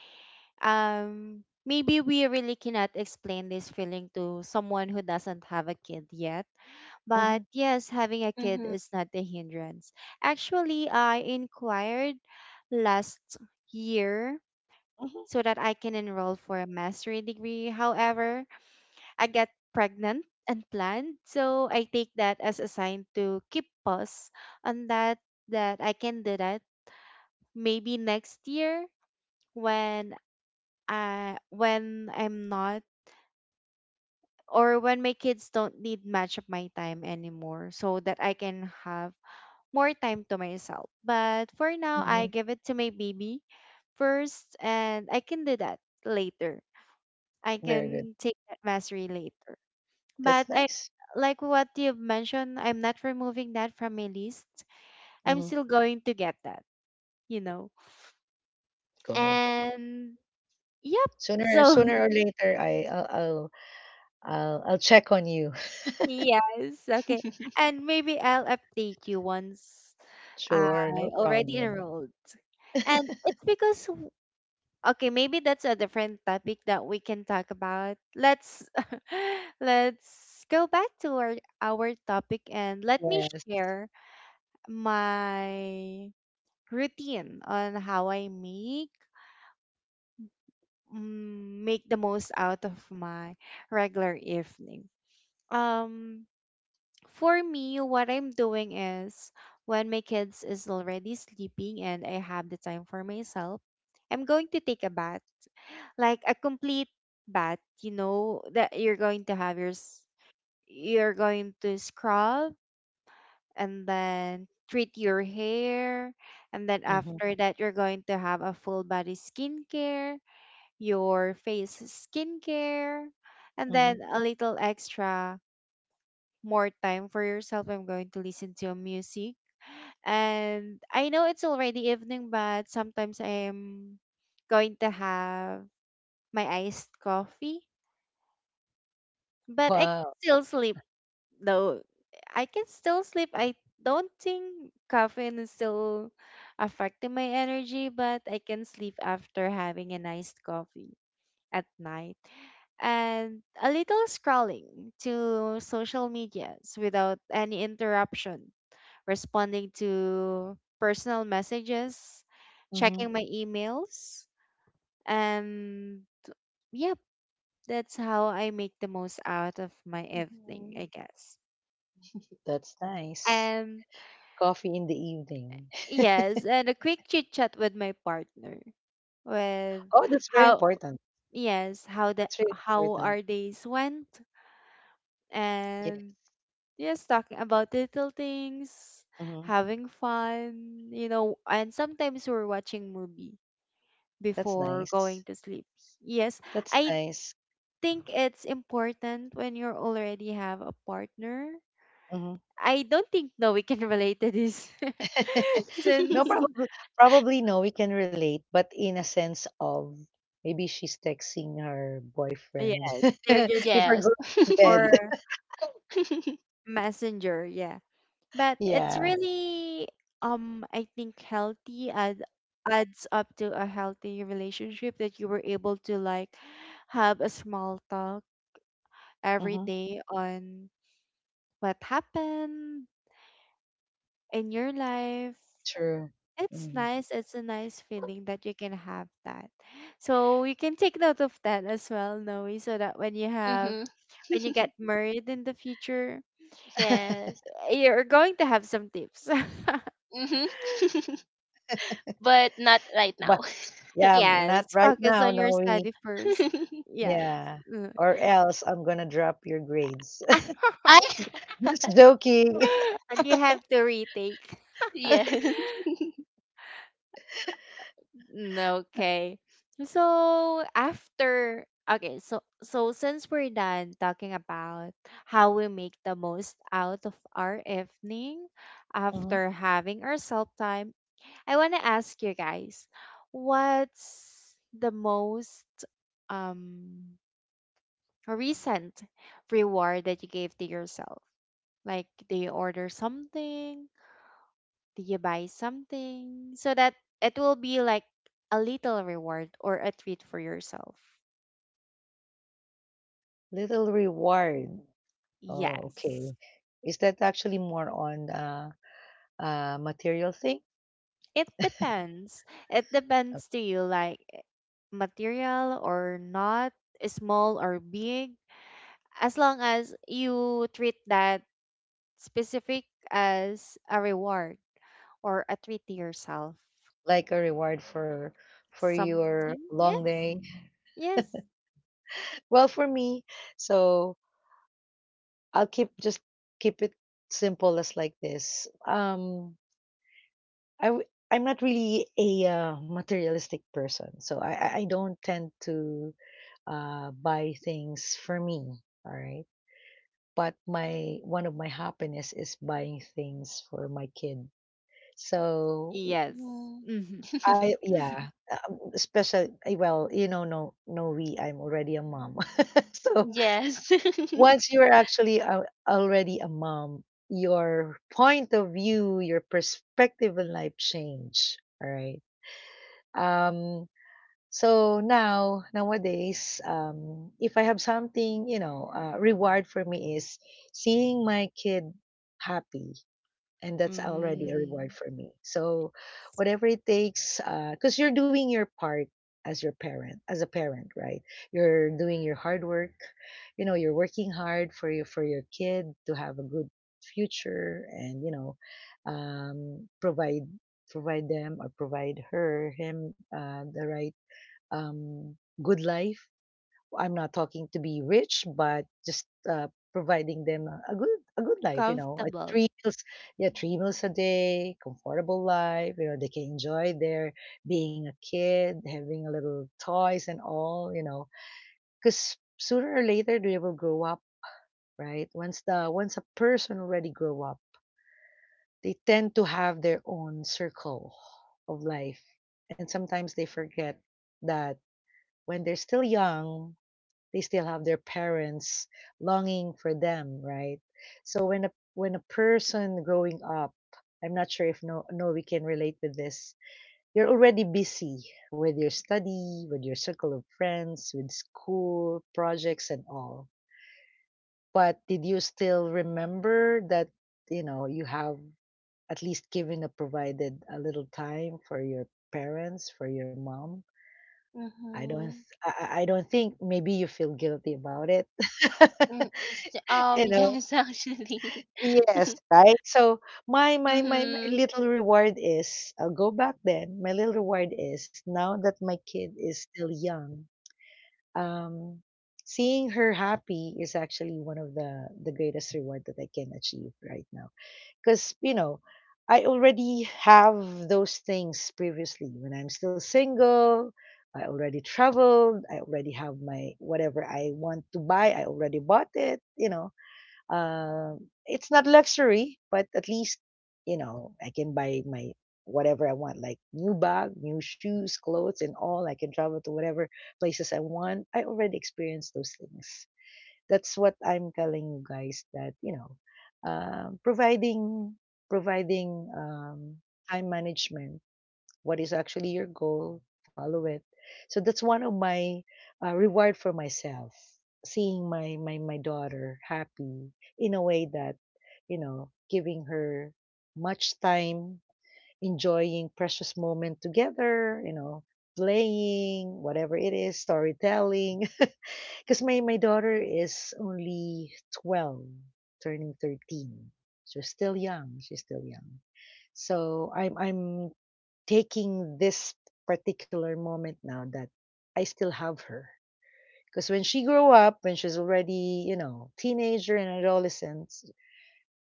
[SPEAKER 1] maybe we really cannot explain this feeling to someone who doesn't have a kid yet. But
[SPEAKER 2] Mhm,
[SPEAKER 1] yes, having a kid
[SPEAKER 3] Mhm.
[SPEAKER 1] is not a hindrance. Actually, I inquired last year
[SPEAKER 2] mhm.
[SPEAKER 1] so that I can enroll for a master's degree. However, I get pregnant and planned. So I take that as a sign to keep pause on that that I can do that. Maybe next year when I when I'm not or when my kids don't need much of my time anymore so that I can have more time to myself. But for now I
[SPEAKER 2] Mhm.
[SPEAKER 1] give it to my baby first and I can do that later. I
[SPEAKER 2] Very good.
[SPEAKER 1] can take that mastery later. But
[SPEAKER 2] That's
[SPEAKER 1] I
[SPEAKER 2] nice.
[SPEAKER 1] like what you've mentioned, I'm not removing that from my list. I'm
[SPEAKER 2] Mhm,
[SPEAKER 1] still going to get that, you know.
[SPEAKER 2] go.
[SPEAKER 1] And yep.
[SPEAKER 2] Sooner
[SPEAKER 1] So
[SPEAKER 2] sooner or later, I'll I'll check on you.
[SPEAKER 1] yes, okay. And maybe I'll update you once
[SPEAKER 2] Sure,
[SPEAKER 1] I
[SPEAKER 2] no
[SPEAKER 1] already
[SPEAKER 2] problem.
[SPEAKER 1] enrolled. And it's because okay, maybe that's a different topic that we can talk about. Let's let's go back to our topic and let me
[SPEAKER 2] Yes.
[SPEAKER 1] share my routine on how I make make the most out of my regular evening. Um for me what I'm doing is when my kids is already sleeping and I have the time for myself, I'm going to take a bath. Like a complete bath, you know, that you're going to have your you're going to scrub and then treat your hair, and then
[SPEAKER 2] Mhm,
[SPEAKER 1] after that you're going to have a full body skincare, your face skincare, and
[SPEAKER 2] mhm.
[SPEAKER 1] then a little extra more time for yourself. I'm going to listen to music. And I know it's already evening, but sometimes I'm going to have my iced coffee. But I can
[SPEAKER 2] Wow.
[SPEAKER 1] still sleep though. I can still sleep. I don't think caffeine is still affecting my energy, but I can sleep after having a iced coffee at night, and a little scrolling to social medias without any interruption, responding to personal messages,
[SPEAKER 2] Mhm.
[SPEAKER 1] checking my emails, and yep, that's how I make the most out of my evening, I
[SPEAKER 3] Mhm.
[SPEAKER 1] guess.
[SPEAKER 2] That's nice.
[SPEAKER 1] And
[SPEAKER 2] Coffee in the evening.
[SPEAKER 1] yes, and a quick chit chat with my partner with
[SPEAKER 2] Oh, that's very
[SPEAKER 1] how,
[SPEAKER 2] important.
[SPEAKER 1] yes, how the
[SPEAKER 2] That's really
[SPEAKER 1] how
[SPEAKER 2] important.
[SPEAKER 1] our days went
[SPEAKER 2] Yes.
[SPEAKER 1] and yes, talking about little things,
[SPEAKER 2] Mhm.
[SPEAKER 1] having fun, you know, and sometimes we're watching movie
[SPEAKER 2] That's
[SPEAKER 1] before
[SPEAKER 2] nice.
[SPEAKER 1] going to sleep. Yes,
[SPEAKER 2] That's
[SPEAKER 1] I
[SPEAKER 2] nice.
[SPEAKER 1] think it's important when you already have a partner.
[SPEAKER 2] Mhm.
[SPEAKER 1] I don't think no we can relate to this
[SPEAKER 2] No,
[SPEAKER 1] since
[SPEAKER 2] probably probably no, we can relate, but in a sense of maybe she's texting her boyfriend
[SPEAKER 1] yeah, they're just
[SPEAKER 2] before
[SPEAKER 3] Yes.
[SPEAKER 2] going to bed.
[SPEAKER 1] or messenger, yeah. But it's
[SPEAKER 2] Yeah.
[SPEAKER 1] really I think healthy and adds up to a healthy relationship that you were able to like have a small talk every
[SPEAKER 2] Hmm.
[SPEAKER 1] day on what happened in your life.
[SPEAKER 2] True.
[SPEAKER 1] It's
[SPEAKER 2] Mm.
[SPEAKER 1] nice. It's a nice feeling that you can have that, so you can take note of that as well, Noe, so that when you have
[SPEAKER 3] Mhm.
[SPEAKER 1] when you get married in the future
[SPEAKER 3] Yes.
[SPEAKER 1] you're going to have some tips.
[SPEAKER 3] Mhm. But not right
[SPEAKER 2] But
[SPEAKER 3] now.
[SPEAKER 2] yeah, not
[SPEAKER 1] Yes,
[SPEAKER 2] right
[SPEAKER 1] focus
[SPEAKER 2] now,
[SPEAKER 1] on
[SPEAKER 2] no
[SPEAKER 1] your
[SPEAKER 2] we.
[SPEAKER 1] study first. Yes.
[SPEAKER 2] Yeah.
[SPEAKER 1] Mm.
[SPEAKER 2] Or else I'm gonna drop your grades.
[SPEAKER 3] I
[SPEAKER 2] Just joking.
[SPEAKER 1] And you have to retake.
[SPEAKER 3] Yes.
[SPEAKER 1] Mm, okay. So after okay, so so since we're done talking about how we make the most out of our evening
[SPEAKER 2] Mhm.
[SPEAKER 1] after having our self time, I want to ask you guys, what's the most um recent reward that you gave to yourself? Like, do you order something? Do you buy something? So that it will be like a little reward or a treat for yourself.
[SPEAKER 2] Little reward. Oh, okay.
[SPEAKER 1] Yes.
[SPEAKER 2] Is that actually more on material thing?
[SPEAKER 1] It depends. It
[SPEAKER 2] Uh,
[SPEAKER 1] depends to you, like material or not, small or big. As long as you treat that specific as a reward or a treat to yourself.
[SPEAKER 2] Like a reward for your
[SPEAKER 1] Something?
[SPEAKER 2] long
[SPEAKER 1] Yes.
[SPEAKER 2] day?
[SPEAKER 1] Yes.
[SPEAKER 2] Well, for me, so I'll keep just keep it simple as like this. I w- I'm not really a materialistic person, so I don't tend to buy things for me. All right. But my one of my happiness is buying things for my kid. So
[SPEAKER 1] Yes.
[SPEAKER 3] Mhm.
[SPEAKER 1] Hmm.
[SPEAKER 2] I, yeah, especially well, you know, no, no, we. I'm already a mom, so
[SPEAKER 3] Yes.
[SPEAKER 2] once you're actually a, already a mom, your point of view, your perspective in life change. All right. Um. So now, nowadays, if I have something, you know, reward for me is seeing my kid happy, and that's already a reward
[SPEAKER 1] Mm.
[SPEAKER 2] for me. So whatever it takes, because you're doing your part as your parent, as a parent, right? You're doing your hard work, you know, you're working hard for your kid to have a good future. And you know, um, provide provide them, or provide her, him, the right um, good life. I'm not talking to be rich, but just, providing them a good life. You know, like
[SPEAKER 1] Comfortable.
[SPEAKER 2] three meals, yeah, three meals a day, comfortable life. You know, they can enjoy their being a kid, having a little toys and all. You know, because sooner or later they will grow up, right? Once the once a person already grow up, they tend to have their own circle of life, and sometimes they forget that when they're still young they still have their parents longing for them, right? So when a person growing up, I'm not sure if no no we can relate with this. You're already busy with your study, with your circle of friends, with school projects and all. But did you still remember that you know you have at least given or provided a little time for your parents, for your mom? I don't
[SPEAKER 3] Mhm.
[SPEAKER 2] I don't think maybe you feel guilty about it.
[SPEAKER 3] Mm. Hmm.
[SPEAKER 2] You know,
[SPEAKER 3] Yes, actually.
[SPEAKER 2] yes, right. So my
[SPEAKER 3] Mhm.
[SPEAKER 2] little reward is, I'll go back then, my little reward is now that my kid is still young, um seeing her happy is actually one of the greatest reward that I can achieve right now. Because you know, I already have those things previously when I'm still single. I already traveled, I already have my, whatever I want to buy I already bought it. You know, uh, it's not luxury, but at least, you know, I can buy my whatever I want, like new bag, new shoes, clothes, and all. I can travel to whatever places I want. I already experienced those things. That's what I'm telling you guys that, you know, um providing providing time management, what is actually your goal, follow it. So that's one of my reward for myself, seeing my, my daughter happy in a way that, you know, giving her much time, enjoying precious moment together, you know, playing whatever it is, storytelling. Because my daughter is only 12, turning 13. She's still young, she's still young. So I'm taking this particular moment now that I still have her. Because when she grew up, when she's already, you know, teenager and adolescence,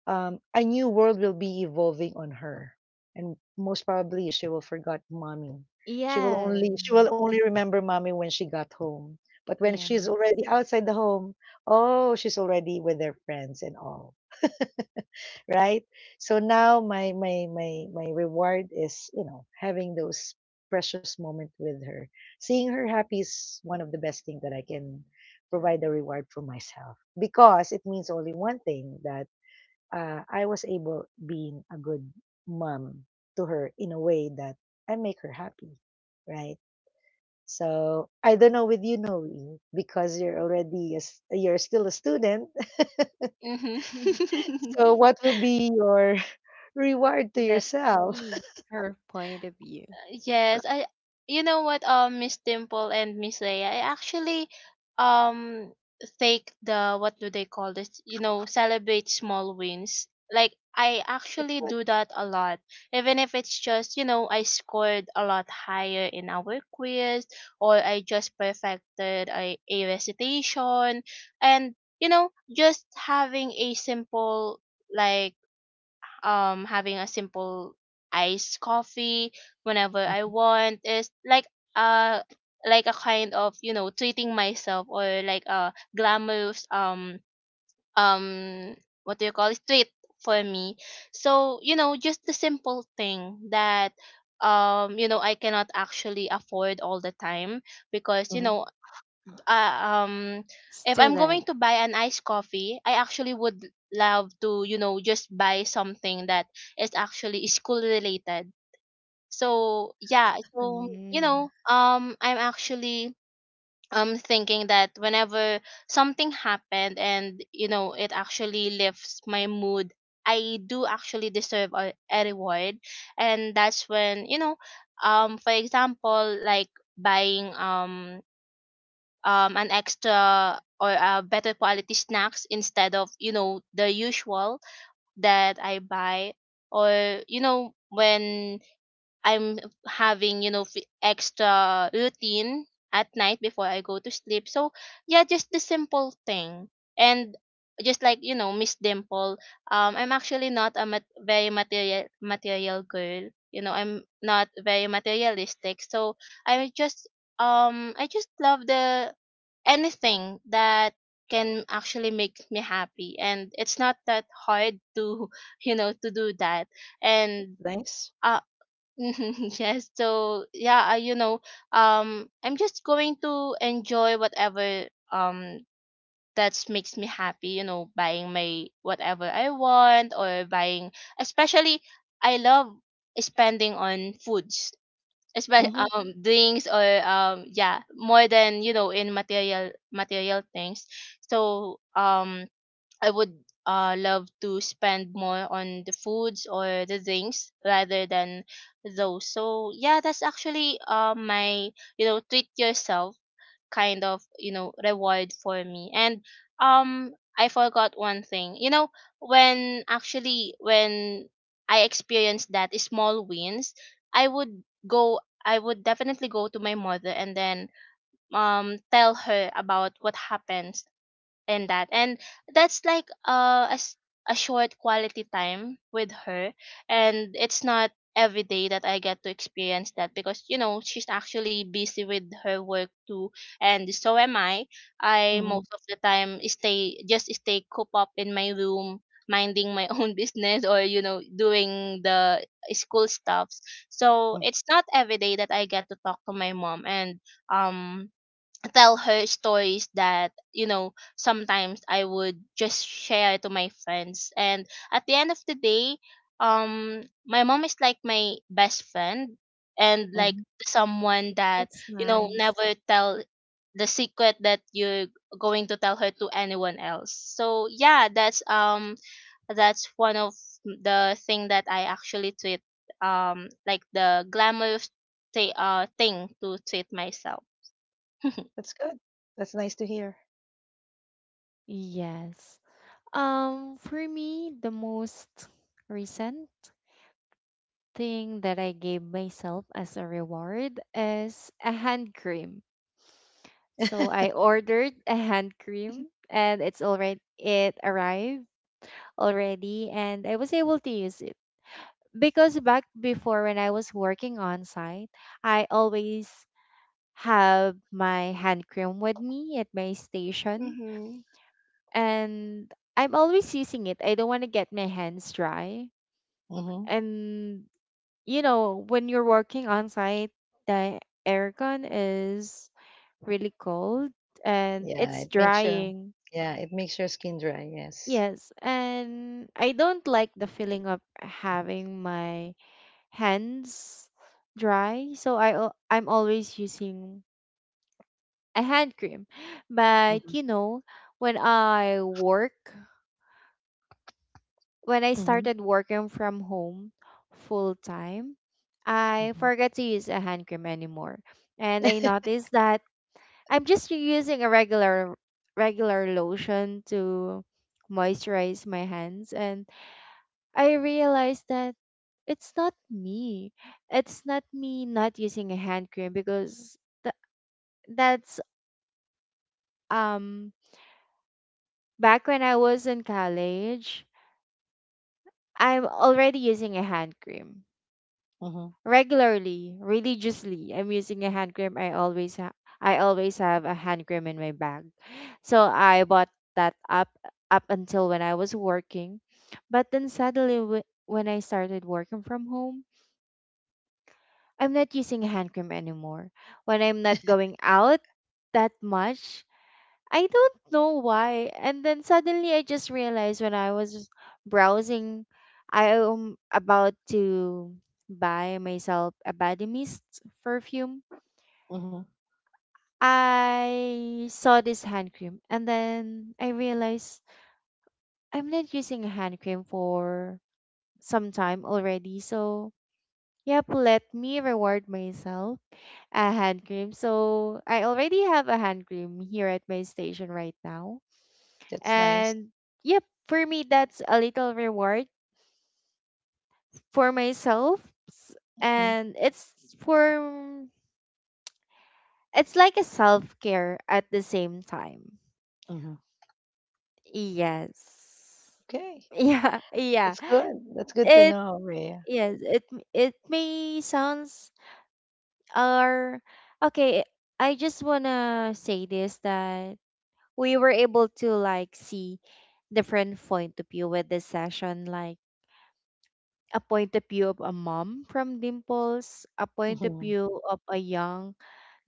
[SPEAKER 2] a new world will be evolving on her, and most probably she will forget mommy.
[SPEAKER 1] Yeah.
[SPEAKER 2] She will only remember mommy when she got home. But when she's
[SPEAKER 1] Yes.
[SPEAKER 2] already outside the home, oh, she's already with their friends and all, right? So now my reward is, you know, having those precious moment with her. Seeing her happy is one of the best thing that I can provide a reward for myself, because it means only one thing, that I was able being a good mom to her in a way that I make her happy, right? So I don't know with you, Noe, because you're still a student.
[SPEAKER 3] Mhm.
[SPEAKER 2] So what will be your reward to
[SPEAKER 1] Let's
[SPEAKER 2] yourself?
[SPEAKER 1] see her point of view.
[SPEAKER 3] Yes, I, you know what, Miss Dimple and Miss Leia, I actually um take the, what do they call this? You know, celebrate small wins. Like I
[SPEAKER 2] That's
[SPEAKER 3] actually
[SPEAKER 2] good.
[SPEAKER 3] do that a lot. Even if it's just, you know, I scored a lot higher in our quiz or I just perfected a recitation and you know, just having a simple like having a simple iced coffee whenever I
[SPEAKER 2] Mhm.
[SPEAKER 3] want is uh like a kind of, you know, treating myself or like a glamorous um what do you call it, treat for me. So you know, just the simple thing that you know I cannot actually afford all the time because you
[SPEAKER 2] Mhm.
[SPEAKER 3] know uh, um if I'm going
[SPEAKER 1] Student.
[SPEAKER 3] to buy an iced coffee, I actually would love to, you know, just buy something that is actually school related. So yeah, so you
[SPEAKER 1] Mm.
[SPEAKER 3] know, I'm actually thinking that whenever something happened and you know it actually lifts my mood, I do actually deserve a reward. And that's when, you know, for example, like buying an extra or better quality snacks instead of you know the usual that I buy, or you know when I'm having you know extra routine at night before I go to sleep. So yeah, just the simple thing and just like you know Miss Dimple, I'm actually not a very material girl. You know, I'm not very materialistic. So I just I just love the anything that can actually make me happy and it's not that hard to you know to do that and
[SPEAKER 2] Nice.
[SPEAKER 3] uh yes so yeah I, you know I'm just going to enjoy whatever that makes me happy, you know, buying my whatever I want or buying, especially I love spending on foods, especially
[SPEAKER 2] Mhm.
[SPEAKER 3] drinks or yeah, more than you know in material things. So I would love to spend more on the foods or the drinks rather than those. So yeah, that's actually my you know treat yourself kind of you know reward for me. And um I forgot one thing, you know, when actually when I experienced that small wins, i would go I would definitely go to my mother and then tell her about what happened. And that's like a, a short quality time with her and it's not every day that I get to experience that because you know she's actually busy with her work too and so am I. I
[SPEAKER 2] Mhm.
[SPEAKER 3] most of the time stay, just stay cooped up in my room minding my own business or you know doing the school stuffs. So
[SPEAKER 2] Mhm.
[SPEAKER 3] it's not every day that I get to talk to my mom and um tell her stories that you know sometimes I would just share to my friends. And at the end of the day, my mom is like my best friend and like
[SPEAKER 2] Mhm.
[SPEAKER 3] someone that
[SPEAKER 1] That's
[SPEAKER 3] you know
[SPEAKER 1] nice.
[SPEAKER 3] never tell the secret that you're going to tell her to anyone else. So yeah, that's one of the thing that I actually treat like the glamorous thing to treat myself.
[SPEAKER 2] That's good. That's nice to hear,
[SPEAKER 1] Yes. For me, the most recent thing that I gave myself as a reward is a hand cream. So I ordered a hand cream and it's already it arrived already and I was able to use it. Because back before when I was working on site, I always have my hand cream with me at my station
[SPEAKER 3] Mhm.
[SPEAKER 1] and I'm always using it. I don't want to get my hands dry.
[SPEAKER 2] Mhm.
[SPEAKER 1] And you know, when you're working on site, the aircon is really cold and
[SPEAKER 2] Yeah,
[SPEAKER 1] it's
[SPEAKER 2] it makes your
[SPEAKER 1] drying.
[SPEAKER 2] yeah, it makes your skin dry, yes.
[SPEAKER 1] Yes, and I don't like the feeling of having my hands dry, so I'm always using a hand cream. But
[SPEAKER 2] Mhm.
[SPEAKER 1] you know, when I work when I
[SPEAKER 2] Mhm.
[SPEAKER 1] started working from home full time I
[SPEAKER 2] Mhm.
[SPEAKER 1] forgot to use a hand cream anymore. And I noticed that I'm just using a regular lotion to moisturize my hands, and I realized that it's not me. It's not me not using a hand cream because th- that's um back when I was in college, I'm already using a hand cream
[SPEAKER 2] Mhm.
[SPEAKER 1] regularly, religiously. I'm using a hand cream. I always have a hand cream in my bag. So I bought that up until when I was working. But then suddenly when I started working from home, I'm not using a hand cream anymore. When I'm not going out that much, I don't know why. And then suddenly I just realized when I was browsing, I am about to buy myself a body mist perfume.
[SPEAKER 2] Mhm.
[SPEAKER 1] I saw this hand cream and then I realized I'm not using a hand cream for some time already. So, yep, let me reward myself a hand cream. So I already have a hand cream here at my station right now.
[SPEAKER 2] That's nice.
[SPEAKER 1] And yep, for me, that's a little reward for myself. S-
[SPEAKER 2] Mhm.
[SPEAKER 1] And it's for, it's like a self care at the same time.
[SPEAKER 2] Mhm.
[SPEAKER 1] Yes.
[SPEAKER 2] Okay.
[SPEAKER 1] Yeah, yeah.
[SPEAKER 2] That's good. That's good to
[SPEAKER 1] It
[SPEAKER 2] know, Rhea.
[SPEAKER 1] yes, it may sounds or okay, I just wanna say this that we were able to like see different point of view with this session, like a point of view of a mom from Dimples, a point of
[SPEAKER 2] Mhm.
[SPEAKER 1] view of a young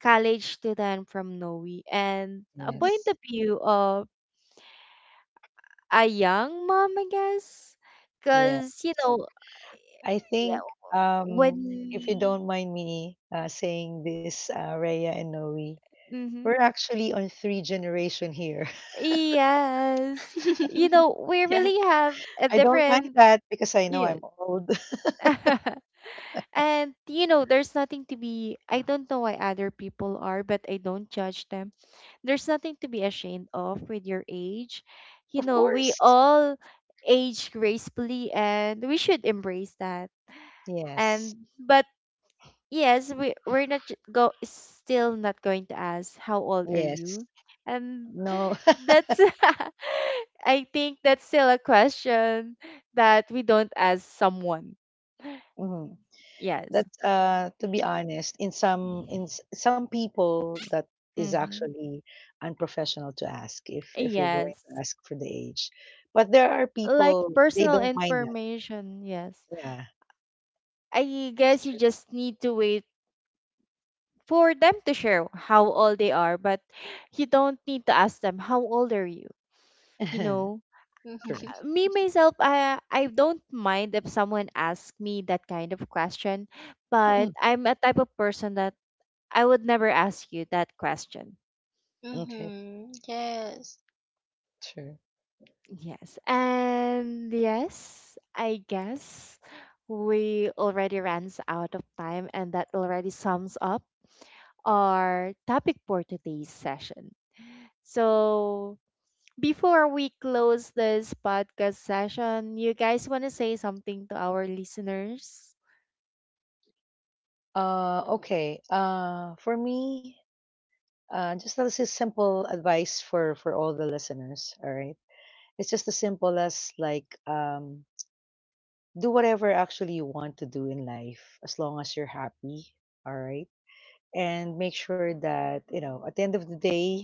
[SPEAKER 1] college student from Noe, and a
[SPEAKER 3] Mhm.
[SPEAKER 1] point
[SPEAKER 2] Yes.
[SPEAKER 1] of view of a young mom, I guess,
[SPEAKER 2] Yeah.
[SPEAKER 1] because you know
[SPEAKER 2] I
[SPEAKER 1] yeah
[SPEAKER 2] think um if you
[SPEAKER 1] when
[SPEAKER 2] don't mind me saying this, Rhea and Noe, we're
[SPEAKER 1] hmm
[SPEAKER 2] actually on three generation here.
[SPEAKER 1] yes you know we
[SPEAKER 3] Yeah.
[SPEAKER 1] really have a
[SPEAKER 2] I don't mind
[SPEAKER 1] different
[SPEAKER 2] that because I know
[SPEAKER 1] yes.
[SPEAKER 2] I'm old.
[SPEAKER 1] And you know, there's nothing to be I don't know why other people are, but I don't judge them. There's nothing to be ashamed of with your age. You
[SPEAKER 2] Of
[SPEAKER 1] know, we
[SPEAKER 2] course.
[SPEAKER 1] all age gracefully and we should embrace that.
[SPEAKER 2] Yes.
[SPEAKER 1] And but yes, we we're not j- go still not going to ask how old are
[SPEAKER 2] Yes.
[SPEAKER 1] you? And
[SPEAKER 2] No.
[SPEAKER 1] that's I think that's still a question that we don't ask someone.
[SPEAKER 2] Mhm.
[SPEAKER 1] Yes.
[SPEAKER 2] That's uh, to be honest, in some some people that is
[SPEAKER 1] Mhm.
[SPEAKER 2] actually unprofessional to ask, if you're going
[SPEAKER 1] Yes.
[SPEAKER 2] to ask for the age. But there are
[SPEAKER 1] Like
[SPEAKER 2] people they
[SPEAKER 1] personal
[SPEAKER 2] don't mind that.
[SPEAKER 1] information, yes.
[SPEAKER 2] Yeah,
[SPEAKER 1] I
[SPEAKER 2] that's
[SPEAKER 1] guess you
[SPEAKER 2] true.
[SPEAKER 1] just need to wait for them to share how old they are, but you don't need to ask them how old are you, you know.
[SPEAKER 3] Mhm.
[SPEAKER 2] Sure.
[SPEAKER 1] Me myself, I don't mind if someone asks me that kind of question, but I'm a type of person that I would never ask you that question.
[SPEAKER 2] Okay,
[SPEAKER 3] Mhm. Yes.
[SPEAKER 2] sure.
[SPEAKER 1] Yes, and yes, I guess we already runs out of time and that already sums up our topic for today's session. So, before we close this podcast session, you guys want to say something to our listeners?
[SPEAKER 2] Okay. Uh, for me, uh, just this is simple advice for all the listeners. All right, it's just as simple as like, do whatever actually you want to do in life as long as you're happy. All right, and make sure that you know at the end of the day,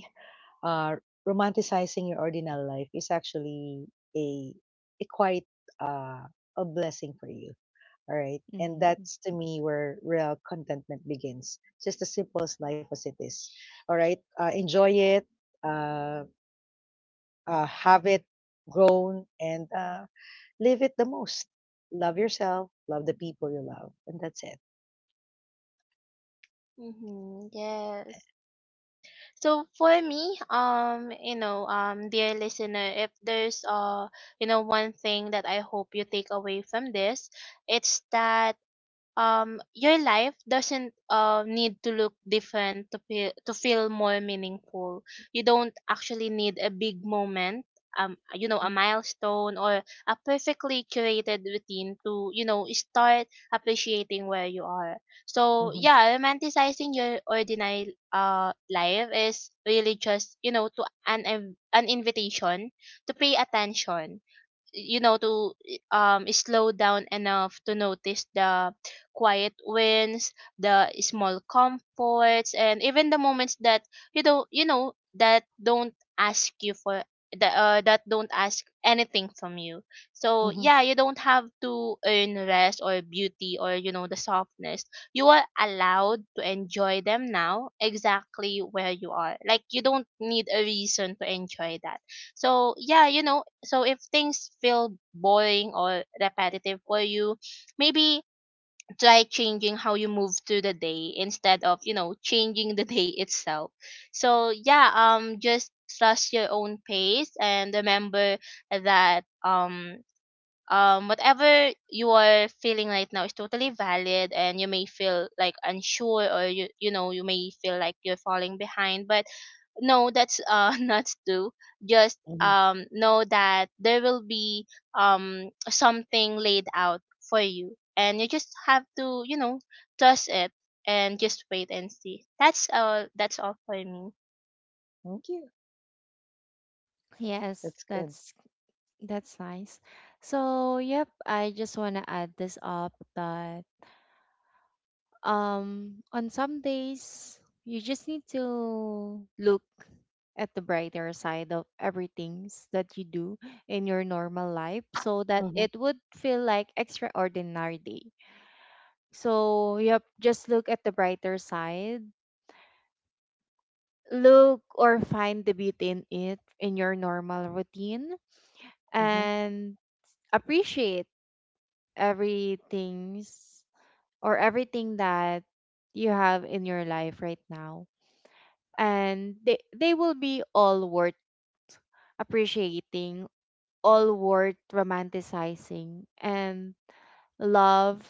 [SPEAKER 2] uh, romanticizing your ordinary life is actually a quite uh, a blessing for you. All right. And
[SPEAKER 1] Mm.
[SPEAKER 2] that's to me where real contentment begins. Just as simple as life as it is. All right. Enjoy it, uh, have it grown, and live it the most. Love yourself, love the people you love. And that's it.
[SPEAKER 3] Mhm. Yes. So for me, you know, dear listener, if there's you know, one thing that I hope you take away from this, it's that your life doesn't need to look different to feel more meaningful. You don't actually need a big moment, you know,
[SPEAKER 2] Mm-hmm.
[SPEAKER 3] a milestone or a perfectly curated routine to you know start appreciating where you are. So
[SPEAKER 2] Mm-hmm.
[SPEAKER 3] yeah, romanticizing your ordinary life is really just you know to an invitation to pay attention, you know, to slow down enough to notice the quiet wins, the small comforts, and even the moments that you don't you know that don't ask you for that don't ask anything from you. So yeah, you don't have to earn rest or beauty or you know the softness. You are allowed to enjoy them now exactly where you are. Like you don't need a reason to enjoy that. So yeah, you know, so if things feel boring or repetitive for you, maybe try changing how you move through the day instead of, you know, changing the day itself. So yeah, just trust your own pace and remember that whatever you are feeling right now is totally valid. And you may feel like unsure or you know you may feel like you're falling behind, but no, that's not do. Just
[SPEAKER 2] Mm-hmm.
[SPEAKER 3] know that there will be something laid out for you and you just have to you know trust it and just wait and see. That's all. That's all for me.
[SPEAKER 2] Thank you.
[SPEAKER 1] Yes,
[SPEAKER 2] That's good.
[SPEAKER 1] that's nice. So, yep, I just want to add this up that on some days you just need to look at the brighter side of everything that you do in your normal life, so that
[SPEAKER 2] Mm-hmm.
[SPEAKER 1] it would feel like extraordinary day. So yep, just look at the brighter side, look or find the beauty in it in your normal routine,
[SPEAKER 2] Mm-hmm.
[SPEAKER 1] and appreciate everything's everything that you have in your life right now, and they will be all worth appreciating, all worth romanticizing, and love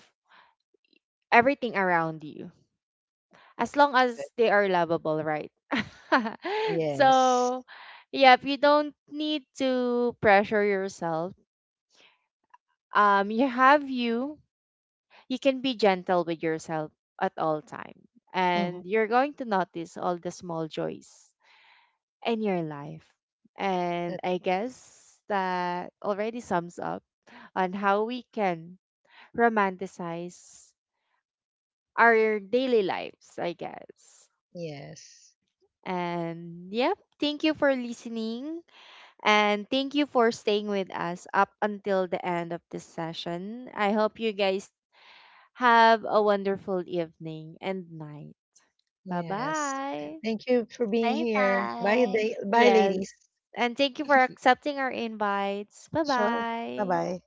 [SPEAKER 1] everything around you as long
[SPEAKER 2] Good.
[SPEAKER 1] as they are lovable, right?
[SPEAKER 2] Yes.
[SPEAKER 1] So, yeah, if you don't need to pressure yourself, you have you. You can be gentle with yourself at all time, and
[SPEAKER 2] Mm-hmm.
[SPEAKER 1] you're going to notice all the small joys in your life. And I
[SPEAKER 2] That's,
[SPEAKER 1] guess that already sums up on how we can romanticize our daily lives, I guess.
[SPEAKER 2] yes.
[SPEAKER 1] And yep, thank you for listening and thank you for staying with us up until the end of this session. I hope you guys have a wonderful evening and night. Bye
[SPEAKER 2] Yes.
[SPEAKER 1] bye.
[SPEAKER 2] Thank you for
[SPEAKER 3] Bye
[SPEAKER 2] being here. Bye,
[SPEAKER 3] bye.
[SPEAKER 2] day. Bye, ladies.
[SPEAKER 1] Yes. And thank you for accepting our invites. Bye
[SPEAKER 2] Sure. Bye
[SPEAKER 1] bye.
[SPEAKER 2] bye.